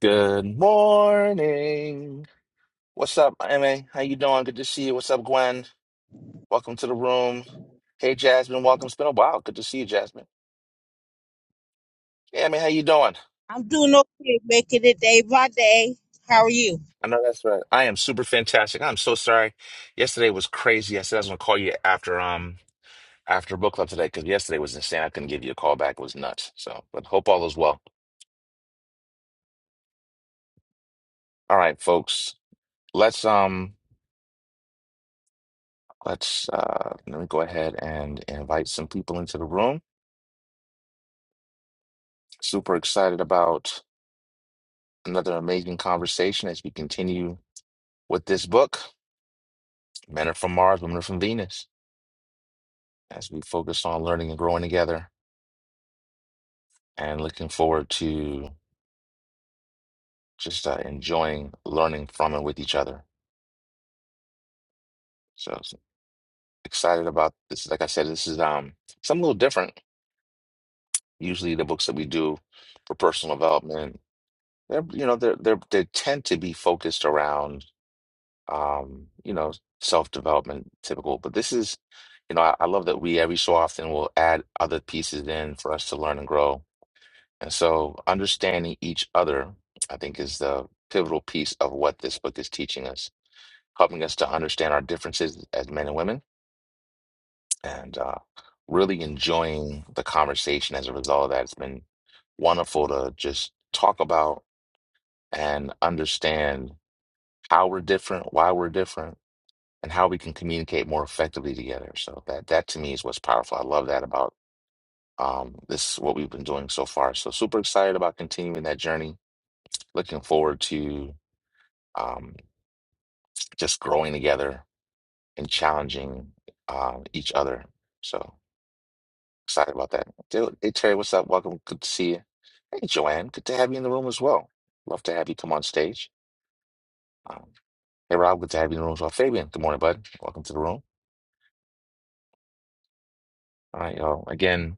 Good morning. What's up, MA? How you doing? Good to see you. What's up, Gwen? Welcome to the room. Hey, Jasmine. Welcome. It's been a while. Good to see you, Jasmine. Yeah, man. how you doing? I'm doing okay, making it day by day. How are you? I know that's right. I am super fantastic. I'm so sorry. Yesterday was crazy. I said I was gonna call you after um after book club today because yesterday was insane. I couldn't give you a call back. It was nuts. So, but hope all is well. All right, folks. Let's um let's uh let me go ahead and invite some people into the room. Super excited about. Another amazing conversation as we continue with this book, Men Are From Mars, Women Are From Venus, as we focus on learning and growing together and looking forward to just uh, enjoying learning from and with each other. So s- excited about this. Like I said, this is um something a little different. Usually the books that we do for personal development, they're, you know, they're, they're, they tend to be focused around um, you know, self-development typical. But this is, you know, I, I love that we every so often will add other pieces in for us to learn and grow. And so understanding each other, I think, is the pivotal piece of what this book is teaching us, helping us to understand our differences as men and women and uh, really enjoying the conversation as a result of that. It's been wonderful to just talk about and understand how we're different, why we're different and how we can communicate more effectively together. So that that to me is what's powerful. I love that about um, this what we've been doing so far. So super excited about continuing that journey. Looking forward to um, just growing together and challenging um, each other. So excited about that. dude. hey, Terry, what's up? Welcome. Good to see you. Hey Joanne, good to have you in the room as well. Love to have you come on stage. Um, hey Rob, good to have you in the room as well. Fabian, good morning, bud. Welcome to the room. All right, y'all. Again,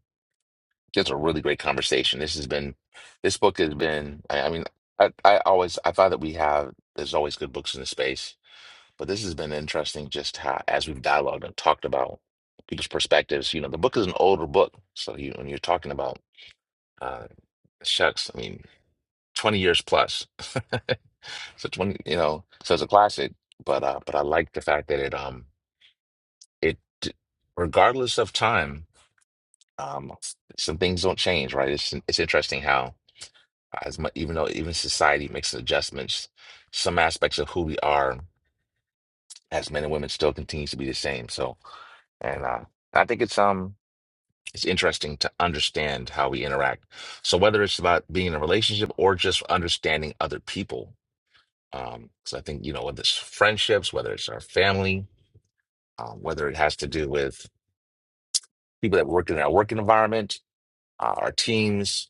Just a really great conversation. This has been, this book has been, I, I mean, I, I always, I thought that we have, there's always good books in the space, but this has been interesting just how, as we've dialogued and talked about people's perspectives, you know, the book is an older book. So you, when you're talking about, uh, shucks, I mean, 20 years plus. So 20, you know, so it's a classic, but, uh, but I like the fact that it, um, it, regardless of time, um, some things don't change, right? It's, it's interesting how, As much, even though even society makes adjustments, some aspects of who we are as men and women still continues to be the same. So, and uh, I think it's um it's interesting to understand how we interact. So whether it's about being in a relationship or just understanding other people, um, because I think you know whether it's friendships, whether it's our family, uh, whether it has to do with people that work in our work environment, uh, our teams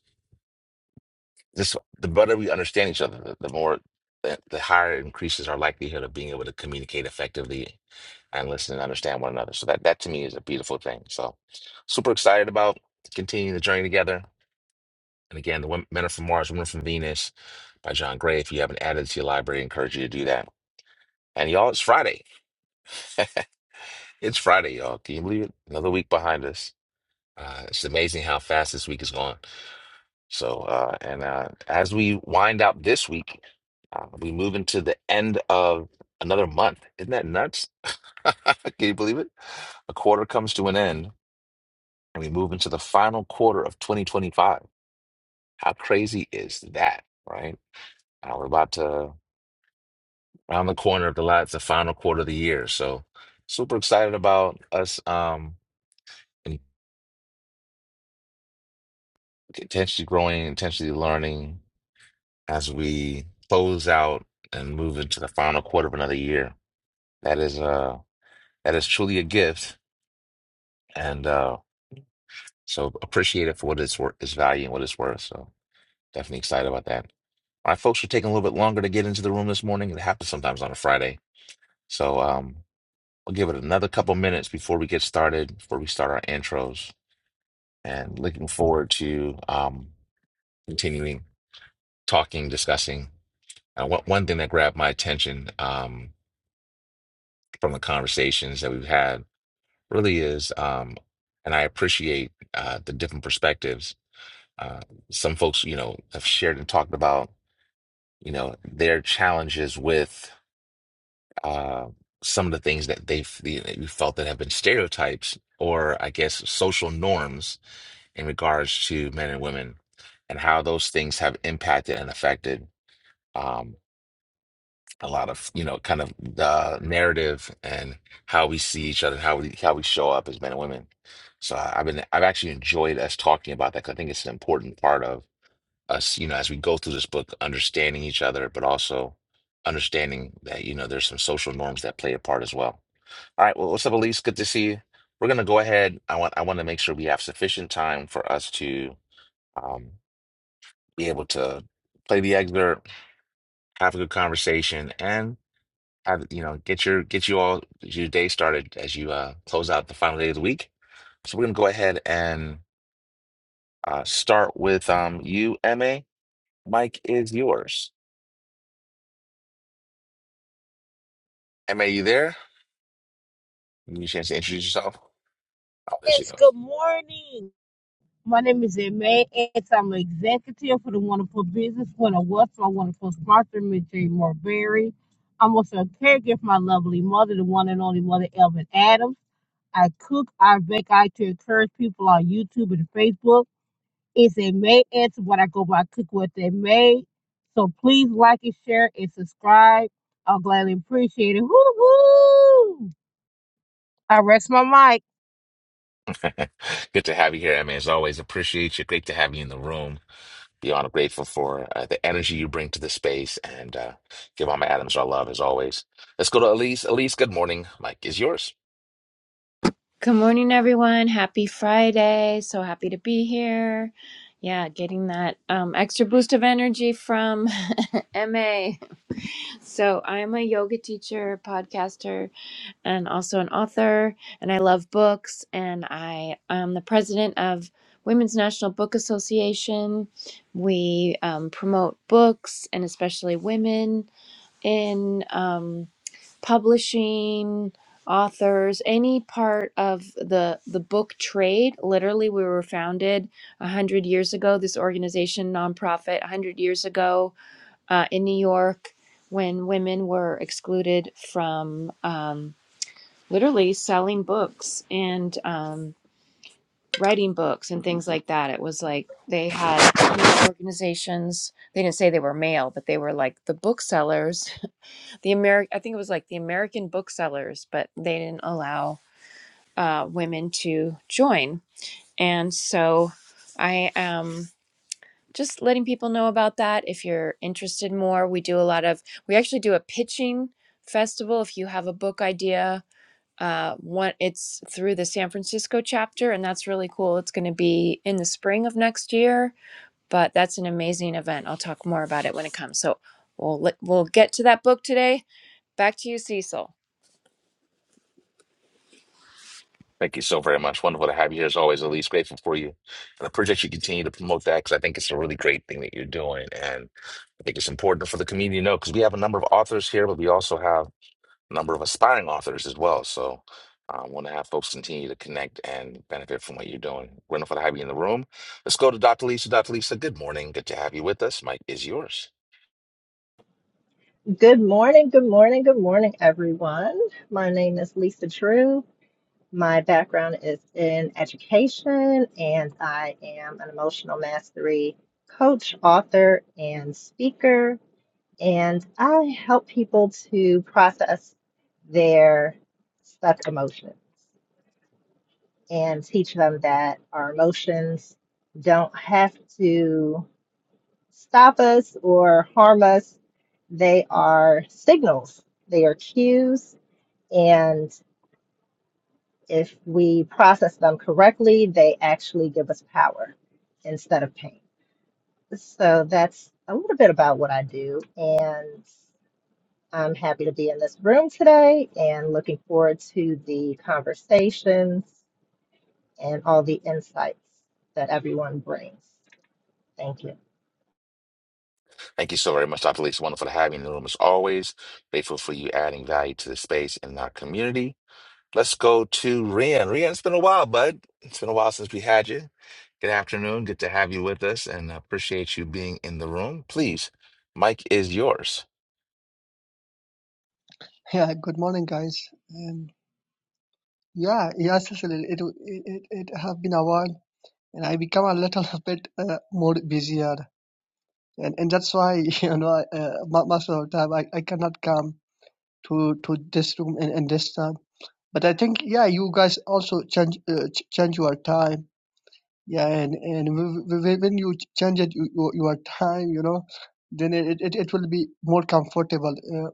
Just the better we understand each other, the, the more, the, the higher increases our likelihood of being able to communicate effectively and listen and understand one another. So that that to me is a beautiful thing. So super excited about continuing the journey together. And again, the Women, Men are from Mars, Women Are from Venus by John Gray. If you haven't added it to your library, I encourage you to do that. And y'all, it's Friday. It's Friday, y'all. Can you believe it? Another week behind us. Uh, it's amazing how fast this week is gone. So, uh, and uh, as we wind up this week, uh, we move into the end of another month. Isn't that nuts? Can you believe it? A quarter comes to an end, and we move into the final quarter of 2025. How crazy is that, right? Uh, we're about to round the corner of the last, the final quarter of the year. So, super excited about us um, and intentionally growing, intentionally learning as we close out and move into the final quarter of another year. That is uh that is truly a gift, and uh so appreciate it for what it's worth, its value, and what it's worth. So definitely excited about that. All right, folks, we're taking a little bit longer to get into the room this morning. It happens sometimes on a Friday, so um we'll give it another couple minutes before we get started, before we start our intros, and looking forward to um continuing talking, discussing. Uh, one one thing that grabbed my attention um from the conversations that we've had really is um, and I appreciate uh the different perspectives Uh, some folks, you know, have shared and talked about, you know, their challenges with uh, some of the things that they've you know, you felt that have been stereotypes or, I guess, social norms in regards to men and women, and how those things have impacted and affected um, a lot of, you know, kind of the narrative and how we see each other, how we how we show up as men and women. So I- I've been I've actually enjoyed us talking about that 'cause I think it's an important part of us, you know, as we go through this book, understanding each other, but also understanding that, you know, there's some social norms that play a part as well. All right. Well, what's up, Elise? Good to see you. We're gonna go ahead. I want I want to make sure we have sufficient time for us to um, be able to play the excerpt, have a good conversation, and have you know get your get you all your day started as you uh, close out the final day of the week. So we're gonna go ahead and uh, start with um, you, Ma. Mike is yours. Ma, you there? Give you a chance to introduce yourself. Oh, there she Yes, goes. good morning. My name is Emma and I'm an executive for the Wonderful Business Winner Wealth. My wonderful sponsor, Ms. J. Morberry. I'm also a caregiver for my lovely mother, the one and only mother, Elvin Adams. I cook, I bake, I to encourage people on YouTube and Facebook. It's a May answer what I go by cook what they made. So please like and share and subscribe. I'll gladly appreciate it. Woo woo! I rest my mic. Good to have you here, Emmy. As always, appreciate you. Great to have you in the room. Beyond grateful for uh, the energy you bring to the space and uh, give Mama Adams our love as always. Let's go to Elise. Elise, good morning. Mike is yours. Good morning, everyone. Happy Friday. So happy to be here. Yeah, getting that um, extra boost of energy from MA. So, I'm a yoga teacher, podcaster, and also an author. And I love books. And I am the president of Women's National Book Association. We um, promote books and especially women in. Um, publishing authors any part of the the book trade literally we were founded 100 years ago this organization nonprofit 100 years ago uh, in new york when women were excluded from um, literally selling books and um, writing books and things like that it was like they had these organizations they didn't say they were male but they were like the booksellers the American, I think it was like the American booksellers, but they didn't allow uh, women to join. And so I am just letting people know about that. If you're interested more, we do a lot of, we actually do a pitching festival. If you have a book idea, uh, one, it's through the San Francisco chapter, and that's really cool. It's going to be in the spring of next year, but that's an amazing event. I'll talk more about it when it comes. So we'll, let- we'll get to that book today. Back to you, Cecil. Thank you so very much. Wonderful to have you here as always, Elise. Grateful for you. And I appreciate you continue to promote that because I think it's a really great thing that you're doing. And I think it's important for the community to know because we have a number of authors here, but we also have number of aspiring authors as well. So I want to have folks continue to connect and benefit from what you're doing. Wonderful to have you in the room. Let's go to Dr. Lisa. Dr. Lisa, good morning. Good to have you with us. Mike is yours. Good morning, good morning, good morning, everyone. My name is Lisa Drew. My background is in education, and I am an emotional mastery coach, author, and speaker. And I help people to process their stuck emotions and teach them that our emotions don't have to stop us or harm us. They are signals, they are cues, and if we process them correctly, they actually give us power instead of pain. So that's a little bit about what I do, and I'm happy to be in this room today and looking forward to the conversations and all the insights that everyone brings. Thank you. Thank you so very much, Dr. Lisa. Wonderful to have you in the room as always. Grateful for you adding value to the space and our community. Let's go to Rian. Rian, it's been a while, bud. It's been a while since we had you. Good afternoon. Good to have you with us and appreciate you being in the room. Please, Mike is yours. Yeah, good morning, guys. Um, yeah, yes, Cecil, it, it it it have been a while, and I become a little bit uh, more busier, and and that's why you know I, uh, mo- most of the time I, I cannot come to to this room and, and this time. But I think yeah, you guys also change uh, ch- change your time. Yeah, and and w- w- when you ch- change it, you, your your time, you know, then it, it, it it will be more comfortable. Uh,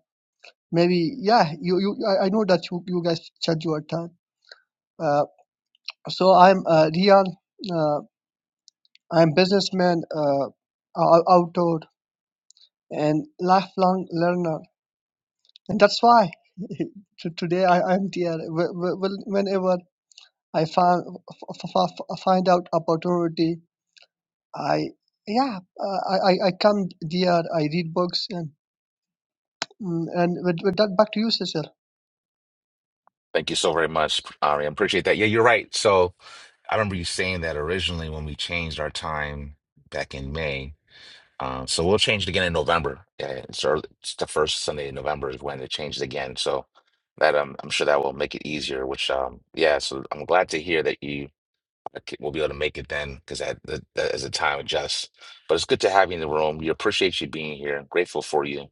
maybe yeah, you you I, I know that you you guys change your time Uh, So I'm uh, Rian. Uh, I'm businessman, uh, ou- outdoor, and lifelong learner, and that's why to- today I am here. Wh- wh- wh- Whenever I find f- f- f- find out opportunity, I yeah uh, I I I come here. I read books and mm, and with, with that back to you, Cecil. Thank you so very much, Ari. I appreciate that. Yeah, you're right. So I remember you saying that originally when we changed our time back in May. Uh, so we'll change it again in November. Yeah, yeah, it's, early, it's the first Sunday in November is when it changes again. So that um, I'm sure that will make it easier. Which um, yeah. So I'm glad to hear that you will be able to make it then, because that, that that is a time adjust. But it's good to have you in the room. We appreciate you being here. grateful for you.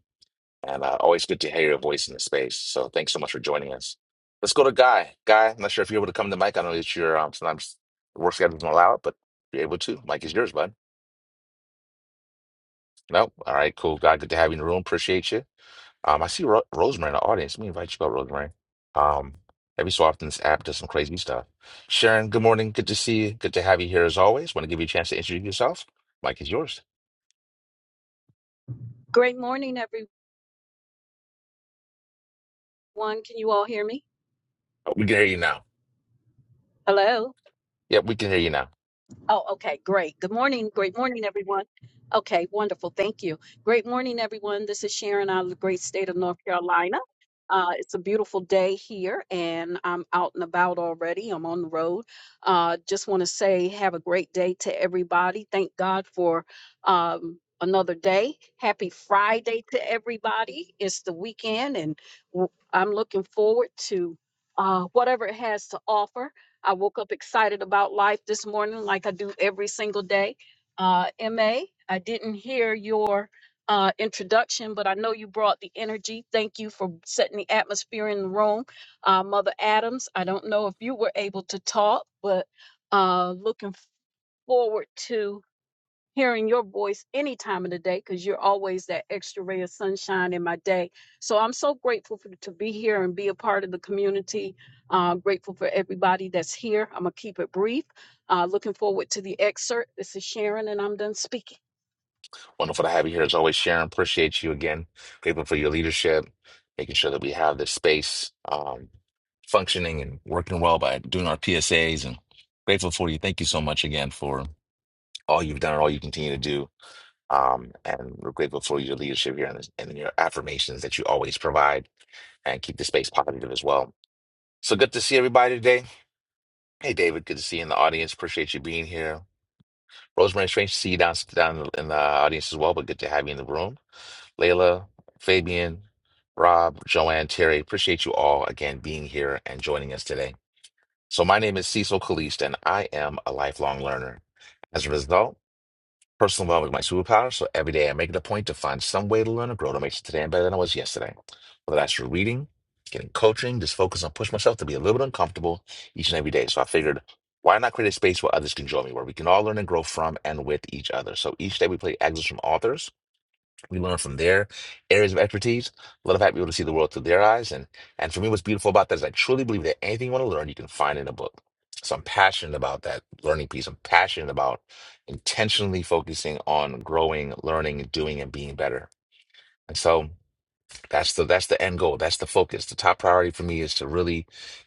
And uh, always good to hear your voice in the space. So thanks so much for joining us. Let's go to Guy. Guy, I'm not sure if you're able to come to mic. I know that you're um, sometimes the work schedule doesn't allow it, but you're able to. Mike is yours, bud. No, all right, cool. Guy, good to have you in the room. Appreciate you. Um, I see Ro- Rosemary in the audience. Let me invite you up, Rosemary. Um, every so often this app does some crazy stuff. Sharon, good morning. Good to see you. Good to have you here as always. Want to give you a chance to introduce yourself. Mike is yours. Great morning, everyone. Can you all hear me? Oh, we can hear you now. Hello. Yep, we can hear you now. Oh, okay, great. Good morning. Great morning, everyone. Okay, wonderful. Thank you. Great morning, everyone. This is Sharon out of the great state of North Carolina. Uh, it's a beautiful day here, and I'm out and about already. I'm on the road. Uh, just want to say, have a great day to everybody. Thank God for um, another day. Happy Friday to everybody. It's the weekend, and w- I'm looking forward to uh, whatever it has to offer. I woke up excited about life this morning, like I do every single day. Uh, MA, I didn't hear your uh, introduction, but I know you brought the energy. Thank you for setting the atmosphere in the room. Uh, Mother Adams, I don't know if you were able to talk, but uh, looking forward to hearing your voice any time of the day because you're always that extra ray of sunshine in my day. So I'm so grateful for, to be here and be a part of the community. Uh, grateful for everybody that's here. I'm going to keep it brief. Uh, looking forward to the excerpt. This is Sharon, and I'm done speaking. Wonderful to have you here as always, Sharon. Appreciate you again. Grateful for your leadership, making sure that we have this space um, functioning and working well by doing our PSAs. And grateful for you. Thank you so much again for all you've done and all you continue to do. Um, and we're grateful for your leadership here and, this- and your affirmations that you always provide and keep the space positive as well. So good to see everybody today. Hey, David, good to see you in the audience. Appreciate you being here. Rosemary, strange to see you down, down in the audience as well, but good to have you in the room. Layla, Fabian, Rob, Joanne, Terry, appreciate you all again being here and joining us today. So, my name is Cecil Caliste, and I am a lifelong learner. As a result, Personal development is my superpower, so every day I make it a point to find some way to learn and grow to make it today I'm better than I was yesterday. Whether that's through reading, getting coaching, just focus on pushing myself to be a little bit uncomfortable each and every day. So I figured, why not create a space where others can join me, where we can all learn and grow from and with each other. So each day we play excerpts from authors we learn from their areas of expertise. Love having people to see the world through their eyes. And and for me, what's beautiful about that is I truly believe that anything you want to learn, you can find in a book. So I'm passionate about that learning piece. I'm passionate about intentionally focusing on growing, learning, doing, and being better. And so that's the that's the end goal. That's the focus. The top priority for me is to really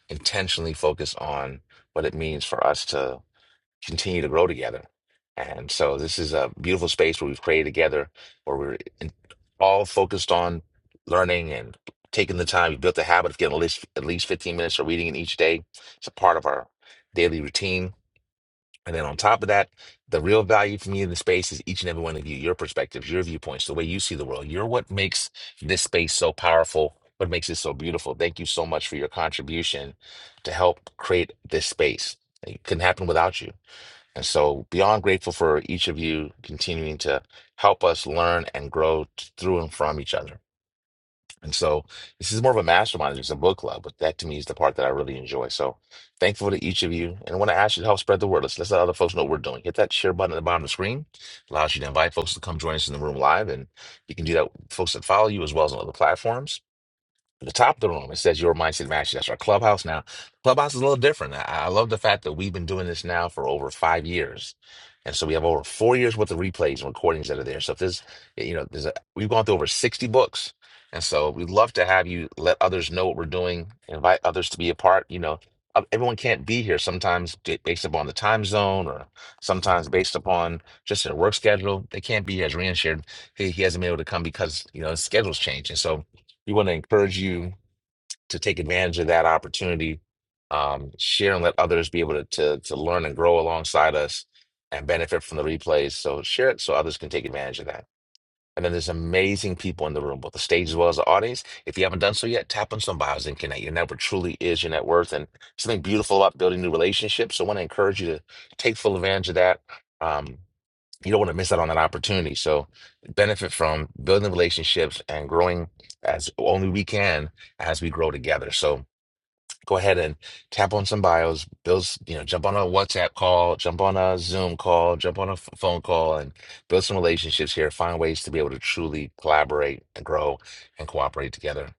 intentionally focus on what it means for us to continue to grow together. And so this is a beautiful space where we've created together, where we're in, all focused on learning and taking the time. We built the habit of getting at least, at least 15 minutes of reading in each day. It's a part of our daily routine. And then on top of that, the real value for me in the space is each and every one of you, your perspectives, your viewpoints, the way you see the world. You're what makes this space so powerful, what makes it so beautiful. Thank you so much for your contribution to help create this space. It couldn't happen without you. And so, beyond grateful for each of you continuing to help us learn and grow t- through and from each other. And so, this is more of a mastermind, it's a book club, but that to me is the part that I really enjoy. So, thankful to each of you. And I want to ask you to help spread the word. Let's, let's let other folks know what we're doing. Hit that share button at the bottom of the screen, allows you to invite folks to come join us in the room live. And you can do that, with folks that follow you as well as on other platforms. At the top of the room, it says your mindset matches. That's our clubhouse now. Clubhouse is a little different. I, I love the fact that we've been doing this now for over five years. And so we have over four years worth of replays and recordings that are there. So if there's, you know, there's a, we've gone through over 60 books. And so we'd love to have you let others know what we're doing, invite others to be a part. You know, Uh, everyone can't be here sometimes d- based upon the time zone or sometimes based upon just their work schedule. They can't be here as Ryan shared. He, he hasn't been able to come because, you know, his schedule's changed. And so we want to encourage you to take advantage of that opportunity um, share and let others be able to, to to learn and grow alongside us and benefit from the replays so share it so others can take advantage of that and then there's amazing people in the room both the stage as well as the audience if you haven't done so yet tap on some bios and connect your network truly is your net worth and something beautiful about building new relationships so i want to encourage you to take full advantage of that Um, you don't want to miss out on that opportunity. So benefit from building relationships and growing as only we can as we grow together. So go ahead and tap on some bios, build, s- you know, jump on a WhatsApp call, jump on a Zoom call, jump on a f- phone call and build some relationships here. Find ways to be able to truly collaborate and grow and cooperate together.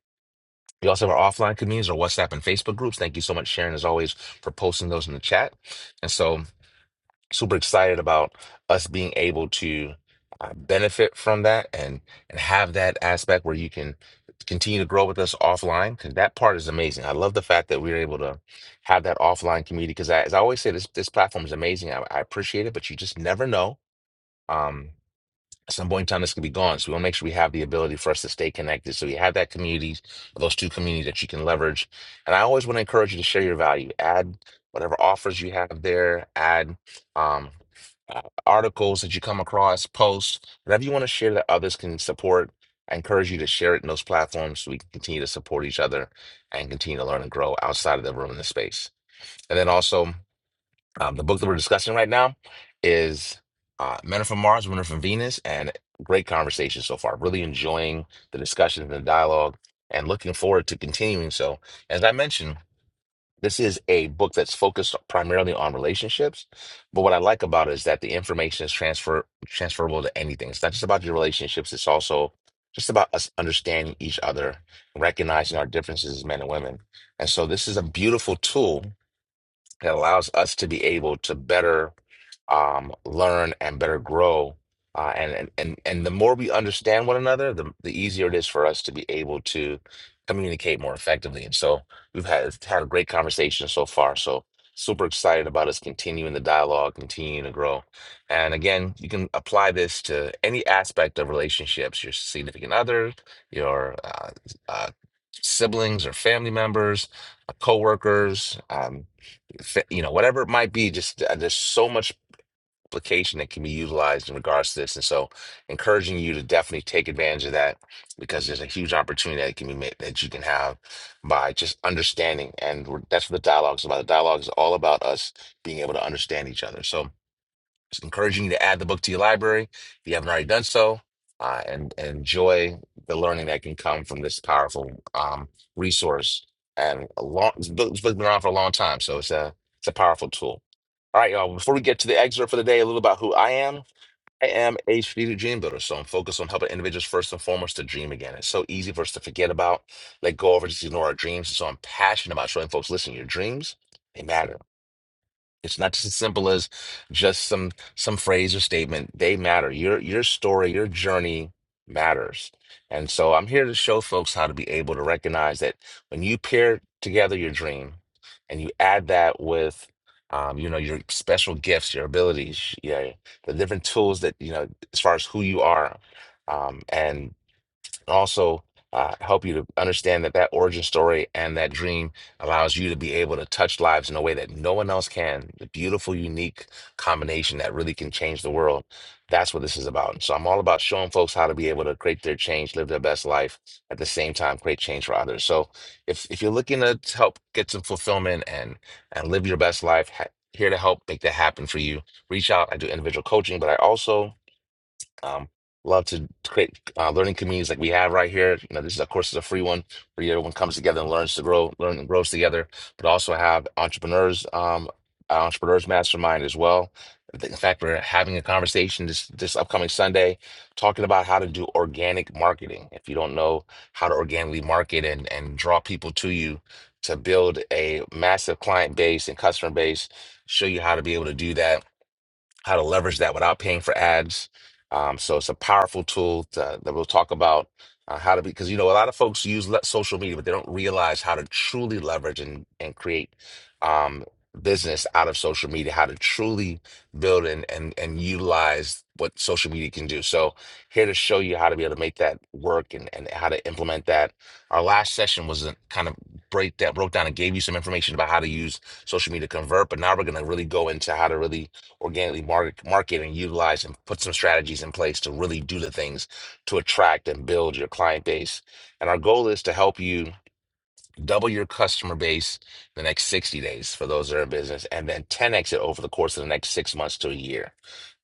We also have our offline communities, our WhatsApp and Facebook groups. Thank you so much, Sharon, as always, for posting those in the chat. And so super excited about us being able to uh, benefit from that and and have that aspect where you can continue to grow with us offline because that part is amazing. I love the fact that we are able to have that offline community because as I always say, this this platform is amazing. I, I appreciate it, but you just never know. Um, at some point in time, this could be gone. So we want to make sure we have the ability for us to stay connected. So you have that community, those two communities that you can leverage. And I always want to encourage you to share your value. Add whatever offers you have there. Add um, uh, articles that you come across, posts, whatever you want to share that others can support. I encourage you to share it in those platforms so we can continue to support each other and continue to learn and grow outside of the room in the space. And then also um, the book that we're discussing right now is uh, Men Are From Mars, Women Are From Venus, and great conversation so far. Really enjoying the discussion and the dialogue and looking forward to continuing. So, as I mentioned, this is a book that's focused primarily on relationships. But what I like about it is that the information is transfer transferable to anything. It's not just about your relationships, it's also just about us understanding each other, recognizing our differences as men and women. And so this is a beautiful tool that allows us to be able to better um, learn and better grow. Uh, and, and and and the more we understand one another, the the easier it is for us to be able to communicate more effectively. And so we've had had a great conversation so far. So super excited about us continuing the dialogue, continuing to grow. And again, you can apply this to any aspect of relationships: your significant other, your uh, uh, siblings or family members, uh, coworkers, um, fa- you know, whatever it might be. Just uh, there's so much application that can be utilized in regards to this. And so, encouraging you to definitely take advantage of that because there's a huge opportunity that can be made that you can have by just understanding. And we're- that's what the dialogue is about. The dialogue is all about us being able to understand each other. So, just encouraging you to add the book to your library if you haven't already done so, uh, and, and enjoy the learning that can come from this powerful um, resource. And a long, this book- this book's been around for a long time, so it's a it's a powerful tool. All right, y'all. Before we get to the excerpt for the day, a little about who I am. I am a strategic dream builder, so I'm focused on helping individuals first and foremost to dream again. It's so easy for us to forget about, let go of, or just ignore our dreams. And so I'm passionate about showing folks, listen, your dreams, they matter. It's not just as simple as just some some phrase or statement. They matter. Your your story, your journey matters. And so I'm here to show folks how to be able to recognize that when you pair together your dream and you add that with um, you know, your special gifts, your abilities, yeah, the different tools that, you know, as far as who you are. Um, and also uh, help you to understand that that origin story and that dream allows you to be able to touch lives in a way that no one else can. The beautiful, unique combination that really can change the world. That's what this is about. So I'm all about showing folks how to be able to create their change, live their best life, at the same time create change for others. So if if you're looking to help get some fulfillment and and live your best life, ha- here to help make that happen for you. Reach out. I do individual coaching, but I also um, love to create uh, learning communities like we have right here. You know, this is of course is a free one where everyone comes together and learns to grow, learn and grows together. But also have entrepreneurs, um, uh, entrepreneurs mastermind as well. I think- In fact, we're having a conversation this this upcoming Sunday, talking about how to do organic marketing. If you don't know how to organically market and and draw people to you to build a massive client base and customer base, show you how to be able to do that how to leverage that without paying for ads. Um, so it's a powerful tool to, that we'll talk about uh, how to be because you know a lot of folks use le- social media, but they don't realize how to truly leverage and and create um, business out of social media, how to truly build and and and utilize what social media can do. So here to show you how to be able to make that work and and how to implement that. Our last session was a kind of break that broke down and gave you some information about how to use social media to convert, but now we're going to really go into how to really organically market, market and utilize and put some strategies in place to really do the things to attract and build your client base. And our goal is to help you double your customer base in the next 60 days for those that are in business and then 10x it over the course of the next six months to a year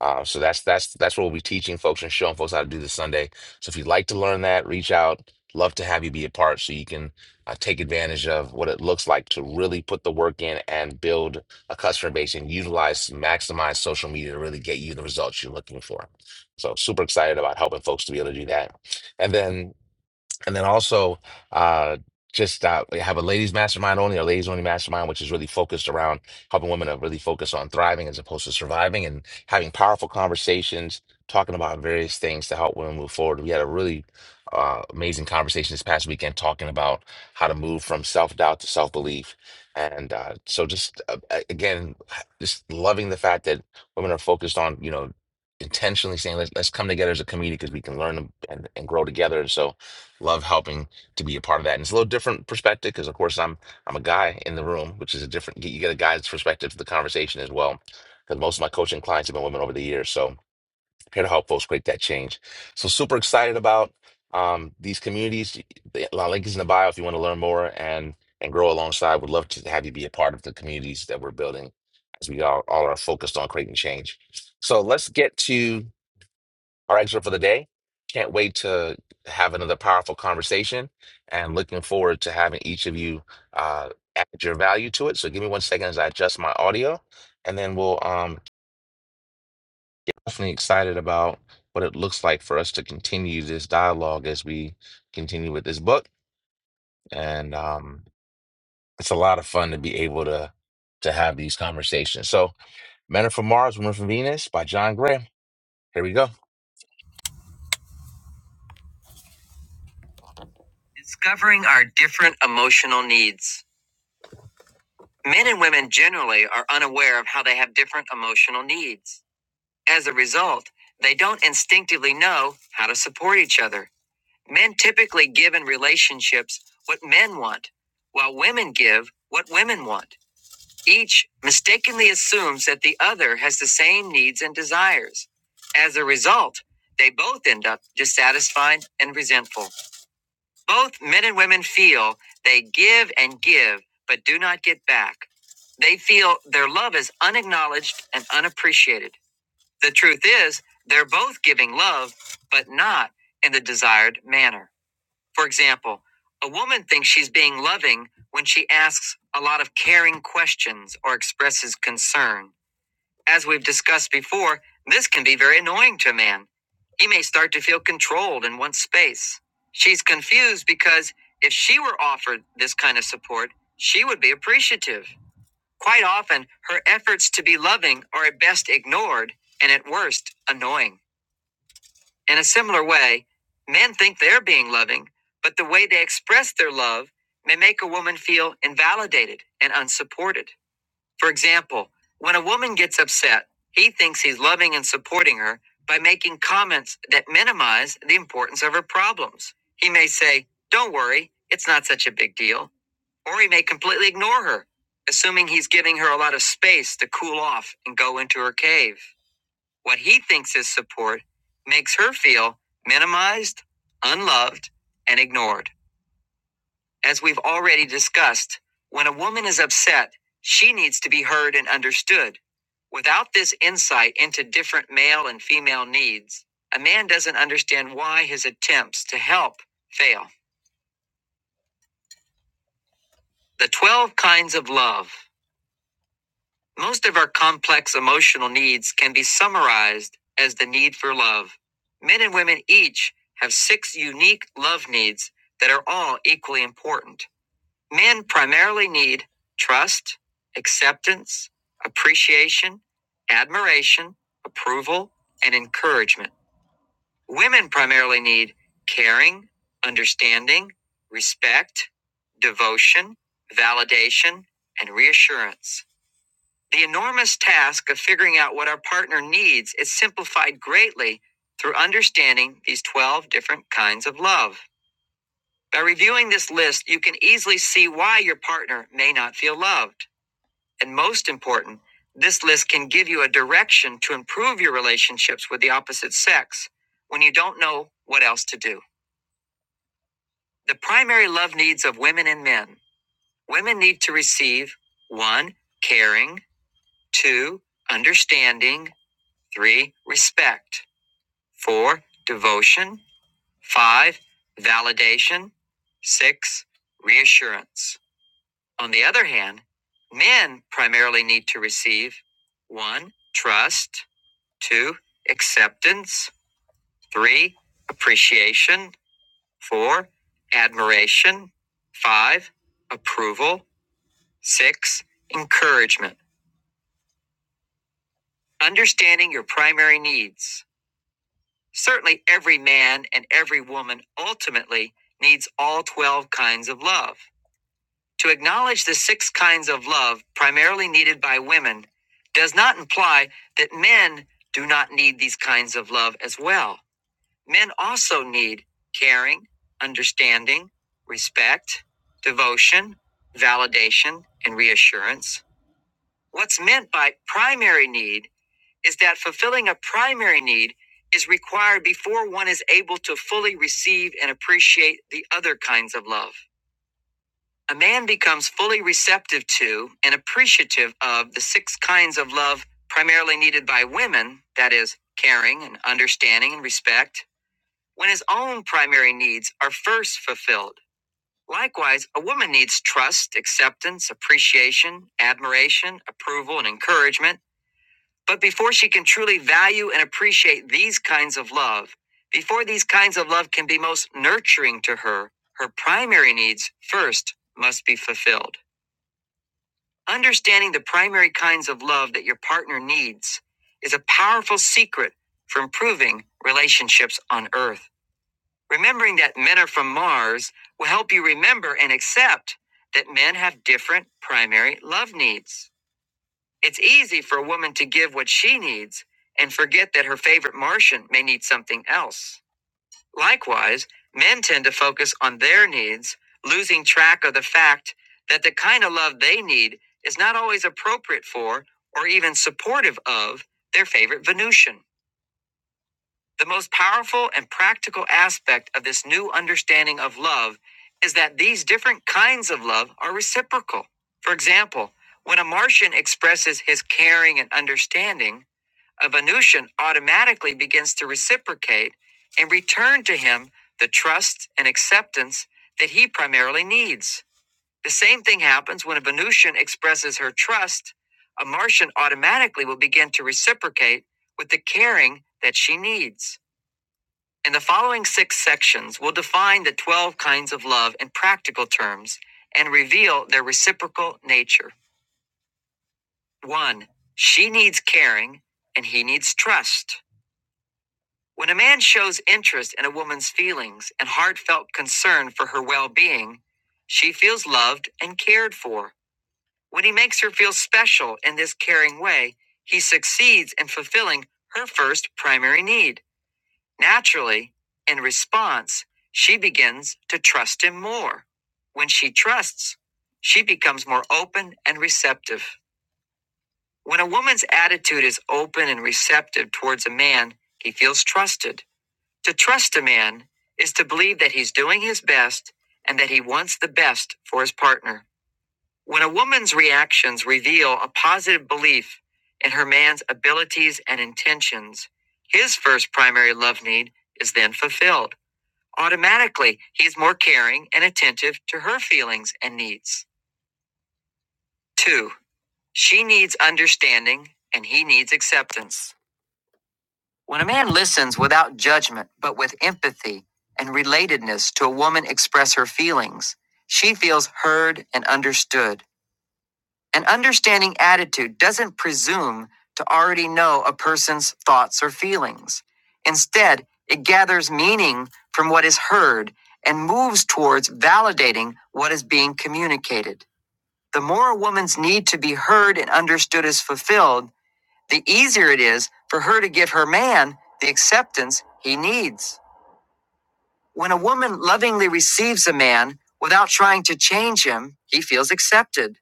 uh, so that's that's that's what we'll be teaching folks and showing folks how to do this sunday so if you'd like to learn that reach out love to have you be a part so you can uh, take advantage of what it looks like to really put the work in and build a customer base and utilize maximize social media to really get you the results you're looking for so super excited about helping folks to be able to do that and then and then also, uh, just uh, we have a ladies mastermind only, a ladies only mastermind, which is really focused around helping women to really focus on thriving as opposed to surviving and having powerful conversations, talking about various things to help women move forward. We had a really uh, amazing conversation this past weekend talking about how to move from self doubt to self belief. And uh, so, just uh, a- again, just loving the fact that women are focused on, you know, intentionally saying, let's, let's come together as a community because we can learn and, and grow together. And so, love helping to be a part of that. And it's a little different perspective because, of course, I'm I'm a guy in the room, which is a different. You get a guy's perspective to the conversation as well, because most of my coaching clients have been women over the years. So I'm here to help folks create that change. So super excited about um, these communities. The the link is in the bio if you want to learn more and and grow alongside. Would love to have you be a part of the communities that we're building as we all, all are focused on creating change. So let's get to our excerpt for the day. Can't wait to have another powerful conversation and looking forward to having each of you uh, add your value to it. So give me one second as I adjust my audio and then we'll um definitely excited about what it looks like for us to continue this dialogue as we continue with this book. And um, it's a lot of fun to be able to to have these conversations. So Men Are From Mars, Women Are From Venus by John Gray. Here we go. Discovering our different emotional needs. Men and women generally are unaware of how they have different emotional needs. As a result, they don't instinctively know how to support each other. Men typically give in relationships what men want, while women give what women want. Each mistakenly assumes that the other has the same needs and desires. As a result, they both end up dissatisfied and resentful. Both men and women feel they give and give, but do not get back. They feel their love is unacknowledged and unappreciated. The truth is, they're both giving love, but not in the desired manner. For example, a woman thinks she's being loving when she asks a lot of caring questions or expresses concern. As we've discussed before, this can be very annoying to a man. He may start to feel controlled and wants space. She's confused because if she were offered this kind of support, she would be appreciative. Quite often, her efforts to be loving are at best ignored and at worst annoying. In a similar way, men think they're being loving, but the way they express their love may make a woman feel invalidated and unsupported. For example, when a woman gets upset, he thinks he's loving and supporting her by making comments that minimize the importance of her problems. He may say, Don't worry, it's not such a big deal. Or he may completely ignore her, assuming he's giving her a lot of space to cool off and go into her cave. What he thinks is support makes her feel minimized, unloved, and ignored. As we've already discussed, when a woman is upset, she needs to be heard and understood. Without this insight into different male and female needs, a man doesn't understand why his attempts to help fail. The 12 kinds of love. Most of our complex emotional needs can be summarized as the need for love. Men and women each have six unique love needs that are all equally important. Men primarily need trust, acceptance, appreciation, admiration, approval, and encouragement. Women primarily need caring, understanding, respect, devotion, validation, and reassurance. The enormous task of figuring out what our partner needs is simplified greatly through understanding these 12 different kinds of love. By reviewing this list, you can easily see why your partner may not feel loved. And most important, this list can give you a direction to improve your relationships with the opposite sex when you don't know what else to do. The primary love needs of women and men women need to receive 1. Caring, 2. Understanding, 3. Respect, 4. Devotion, 5. Validation, 6. Reassurance. On the other hand, men primarily need to receive 1. Trust, 2. Acceptance, 3. Appreciation, 4. Admiration, 5. Approval, 6. Encouragement. Understanding your primary needs. Certainly, every man and every woman ultimately needs all 12 kinds of love. To acknowledge the six kinds of love primarily needed by women does not imply that men do not need these kinds of love as well. Men also need caring, understanding, respect, devotion, validation, and reassurance. What's meant by primary need is that fulfilling a primary need is required before one is able to fully receive and appreciate the other kinds of love. A man becomes fully receptive to and appreciative of the six kinds of love primarily needed by women that is, caring and understanding and respect when his own primary needs are first fulfilled. Likewise, a woman needs trust, acceptance, appreciation, admiration, approval, and encouragement. But before she can truly value and appreciate these kinds of love, before these kinds of love can be most nurturing to her, her primary needs first must be fulfilled. Understanding the primary kinds of love that your partner needs is a powerful secret for improving relationships on Earth. Remembering that men are from Mars will help you remember and accept that men have different primary love needs. It's easy for a woman to give what she needs and forget that her favorite Martian may need something else. Likewise, men tend to focus on their needs, losing track of the fact that the kind of love they need is not always appropriate for or even supportive of their favorite Venusian. The most powerful and practical aspect of this new understanding of love is that these different kinds of love are reciprocal. For example, when a Martian expresses his caring and understanding, a Venusian automatically begins to reciprocate and return to him the trust and acceptance that he primarily needs. The same thing happens when a Venusian expresses her trust, a Martian automatically will begin to reciprocate with the caring that she needs. In the following six sections, we'll define the 12 kinds of love in practical terms and reveal their reciprocal nature. One, she needs caring and he needs trust. When a man shows interest in a woman's feelings and heartfelt concern for her well being, she feels loved and cared for. When he makes her feel special in this caring way, he succeeds in fulfilling her first primary need. Naturally, in response, she begins to trust him more. When she trusts, she becomes more open and receptive. When a woman's attitude is open and receptive towards a man, he feels trusted. To trust a man is to believe that he's doing his best and that he wants the best for his partner. When a woman's reactions reveal a positive belief in her man's abilities and intentions, his first primary love need is then fulfilled. Automatically, he is more caring and attentive to her feelings and needs. Two, she needs understanding and he needs acceptance. When a man listens without judgment, but with empathy and relatedness to a woman express her feelings, she feels heard and understood. An understanding attitude doesn't presume to already know a person's thoughts or feelings. Instead, it gathers meaning from what is heard and moves towards validating what is being communicated. The more a woman's need to be heard and understood is fulfilled, the easier it is for her to give her man the acceptance he needs. When a woman lovingly receives a man without trying to change him, he feels accepted.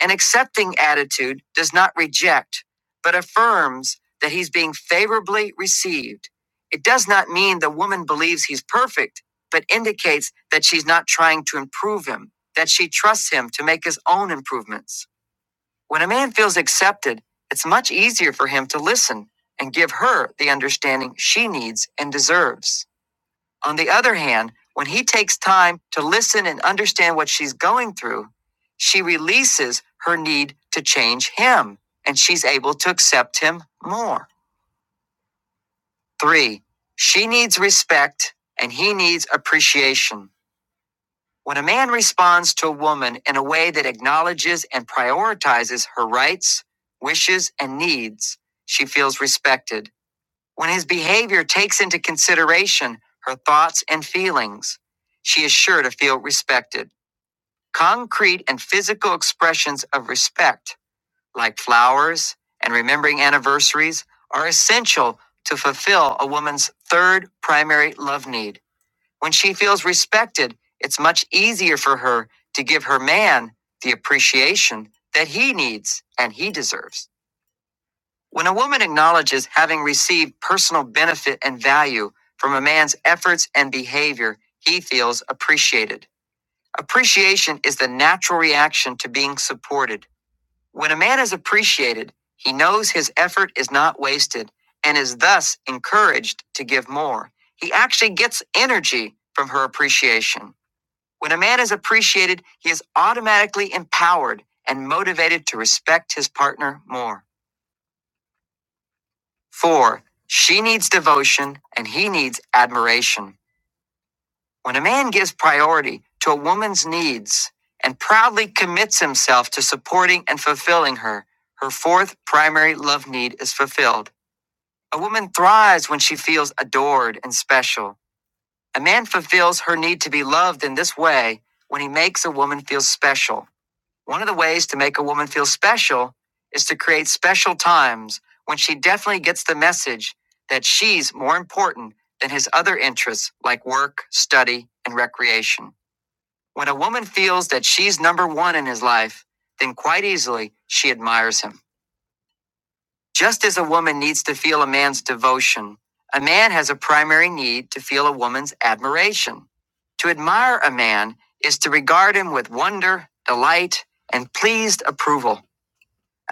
An accepting attitude does not reject, but affirms that he's being favorably received. It does not mean the woman believes he's perfect, but indicates that she's not trying to improve him, that she trusts him to make his own improvements. When a man feels accepted, it's much easier for him to listen and give her the understanding she needs and deserves. On the other hand, when he takes time to listen and understand what she's going through, she releases her need to change him and she's able to accept him more. Three, she needs respect and he needs appreciation. When a man responds to a woman in a way that acknowledges and prioritizes her rights, wishes, and needs, she feels respected. When his behavior takes into consideration her thoughts and feelings, she is sure to feel respected. Concrete and physical expressions of respect, like flowers and remembering anniversaries, are essential to fulfill a woman's third primary love need when she feels respected, it's much easier for her to give her man the appreciation that he needs and he deserves. When a woman acknowledges having received personal benefit and value from a man's efforts and behavior, he feels appreciated. Appreciation is the natural reaction to being supported. When a man is appreciated, he knows his effort is not wasted and is thus encouraged to give more. He actually gets energy from her appreciation. When a man is appreciated, he is automatically empowered and motivated to respect his partner more. Four, she needs devotion and he needs admiration. When a man gives priority to a woman's needs and proudly commits himself to supporting and fulfilling her, her fourth primary love need is fulfilled. A woman thrives when she feels adored and special. A man fulfills her need to be loved in this way when he makes a woman feel special. One of the ways to make a woman feel special is to create special times when she definitely gets the message that she's more important than his other interests like work, study, and recreation. When a woman feels that she's number one in his life, then quite easily she admires him. Just as a woman needs to feel a man's devotion, a man has a primary need to feel a woman's admiration. To admire a man is to regard him with wonder, delight, and pleased approval.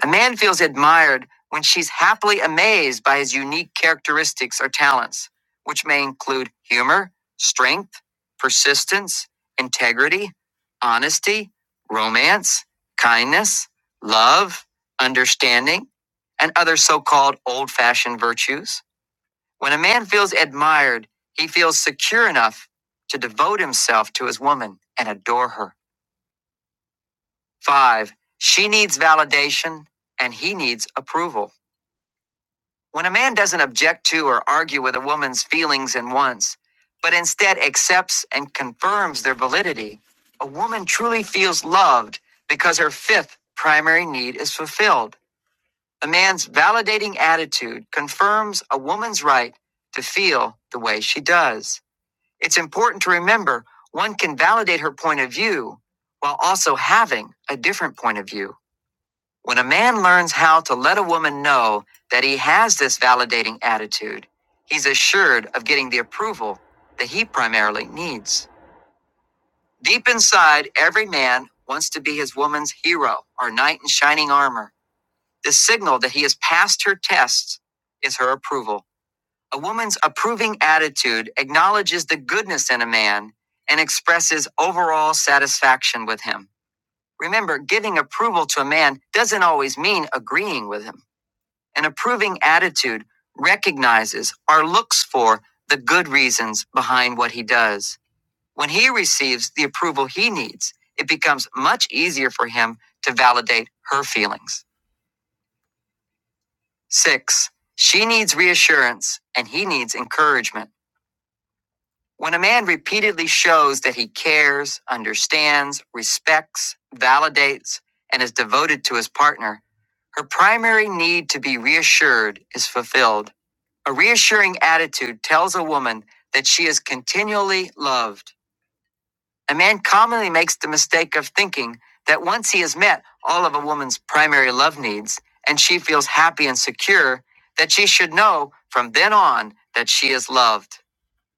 A man feels admired when she's happily amazed by his unique characteristics or talents, which may include humor, strength, persistence, integrity, honesty, romance, kindness, love, understanding, and other so called old fashioned virtues. When a man feels admired, he feels secure enough to devote himself to his woman and adore her. Five, she needs validation and he needs approval. When a man doesn't object to or argue with a woman's feelings and wants, but instead accepts and confirms their validity, a woman truly feels loved because her fifth primary need is fulfilled. A man's validating attitude confirms a woman's right to feel the way she does. It's important to remember one can validate her point of view while also having a different point of view. When a man learns how to let a woman know that he has this validating attitude, he's assured of getting the approval that he primarily needs. Deep inside, every man wants to be his woman's hero or knight in shining armor. The signal that he has passed her tests is her approval. A woman's approving attitude acknowledges the goodness in a man and expresses overall satisfaction with him. Remember, giving approval to a man doesn't always mean agreeing with him. An approving attitude recognizes or looks for the good reasons behind what he does. When he receives the approval he needs, it becomes much easier for him to validate her feelings. Six, she needs reassurance and he needs encouragement. When a man repeatedly shows that he cares, understands, respects, validates, and is devoted to his partner, her primary need to be reassured is fulfilled. A reassuring attitude tells a woman that she is continually loved. A man commonly makes the mistake of thinking that once he has met all of a woman's primary love needs and she feels happy and secure, that she should know from then on that she is loved.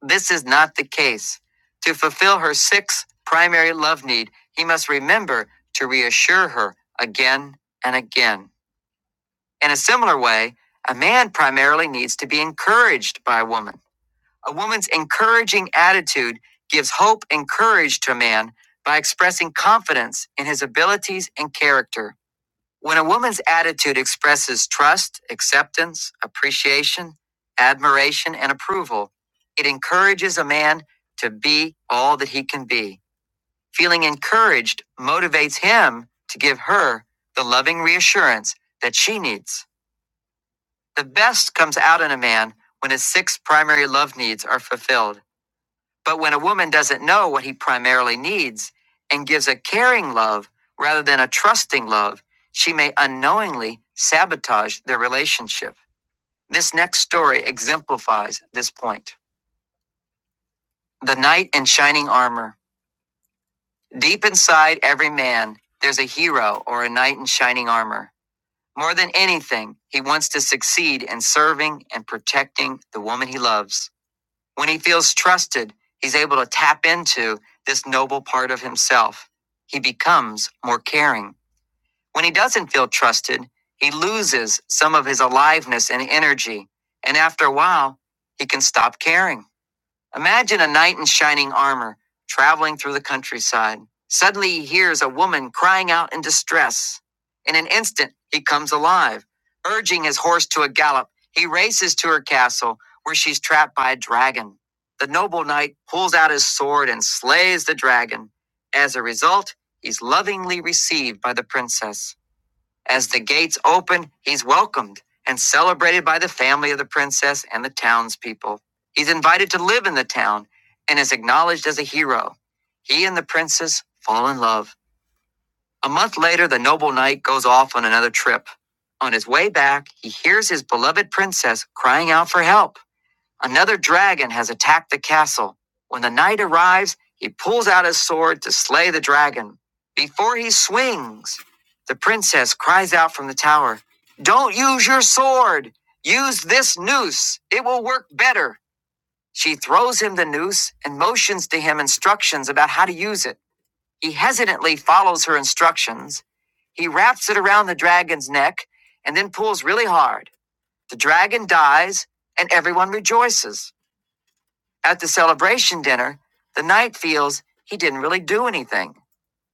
This is not the case. To fulfill her sixth primary love need, he must remember to reassure her again and again. In a similar way, a man primarily needs to be encouraged by a woman. A woman's encouraging attitude gives hope and courage to a man by expressing confidence in his abilities and character. When a woman's attitude expresses trust, acceptance, appreciation, admiration, and approval, it encourages a man to be all that he can be. Feeling encouraged motivates him to give her the loving reassurance that she needs. The best comes out in a man when his six primary love needs are fulfilled. But when a woman doesn't know what he primarily needs and gives a caring love rather than a trusting love, she may unknowingly sabotage their relationship. This next story exemplifies this point. The knight in shining armor. Deep inside every man, there's a hero or a knight in shining armor. More than anything, he wants to succeed in serving and protecting the woman he loves. When he feels trusted, he's able to tap into this noble part of himself. He becomes more caring. When he doesn't feel trusted, he loses some of his aliveness and energy. And after a while, he can stop caring. Imagine a knight in shining armor traveling through the countryside. Suddenly he hears a woman crying out in distress. In an instant, he comes alive. Urging his horse to a gallop, he races to her castle where she's trapped by a dragon. The noble knight pulls out his sword and slays the dragon. As a result, he's lovingly received by the princess. As the gates open, he's welcomed and celebrated by the family of the princess and the townspeople. He's invited to live in the town and is acknowledged as a hero. He and the princess fall in love. A month later, the noble knight goes off on another trip. On his way back, he hears his beloved princess crying out for help. Another dragon has attacked the castle. When the knight arrives, he pulls out his sword to slay the dragon. Before he swings, the princess cries out from the tower, Don't use your sword! Use this noose! It will work better! She throws him the noose and motions to him instructions about how to use it. He hesitantly follows her instructions. He wraps it around the dragon's neck and then pulls really hard. The dragon dies and everyone rejoices. At the celebration dinner, the knight feels he didn't really do anything.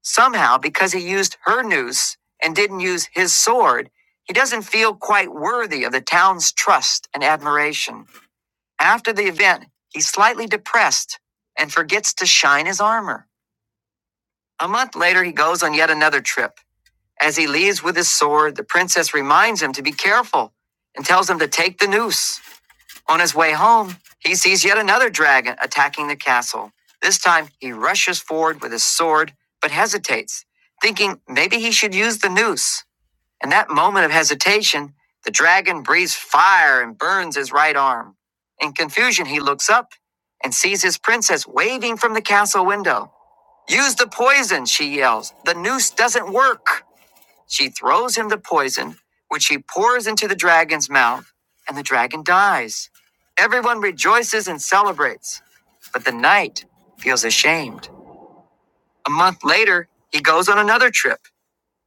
Somehow, because he used her noose and didn't use his sword, he doesn't feel quite worthy of the town's trust and admiration. After the event, he's slightly depressed and forgets to shine his armor. A month later, he goes on yet another trip. As he leaves with his sword, the princess reminds him to be careful and tells him to take the noose. On his way home, he sees yet another dragon attacking the castle. This time, he rushes forward with his sword, but hesitates, thinking maybe he should use the noose. In that moment of hesitation, the dragon breathes fire and burns his right arm. In confusion, he looks up and sees his princess waving from the castle window. Use the poison, she yells. The noose doesn't work. She throws him the poison, which she pours into the dragon's mouth, and the dragon dies. Everyone rejoices and celebrates, but the knight feels ashamed. A month later, he goes on another trip.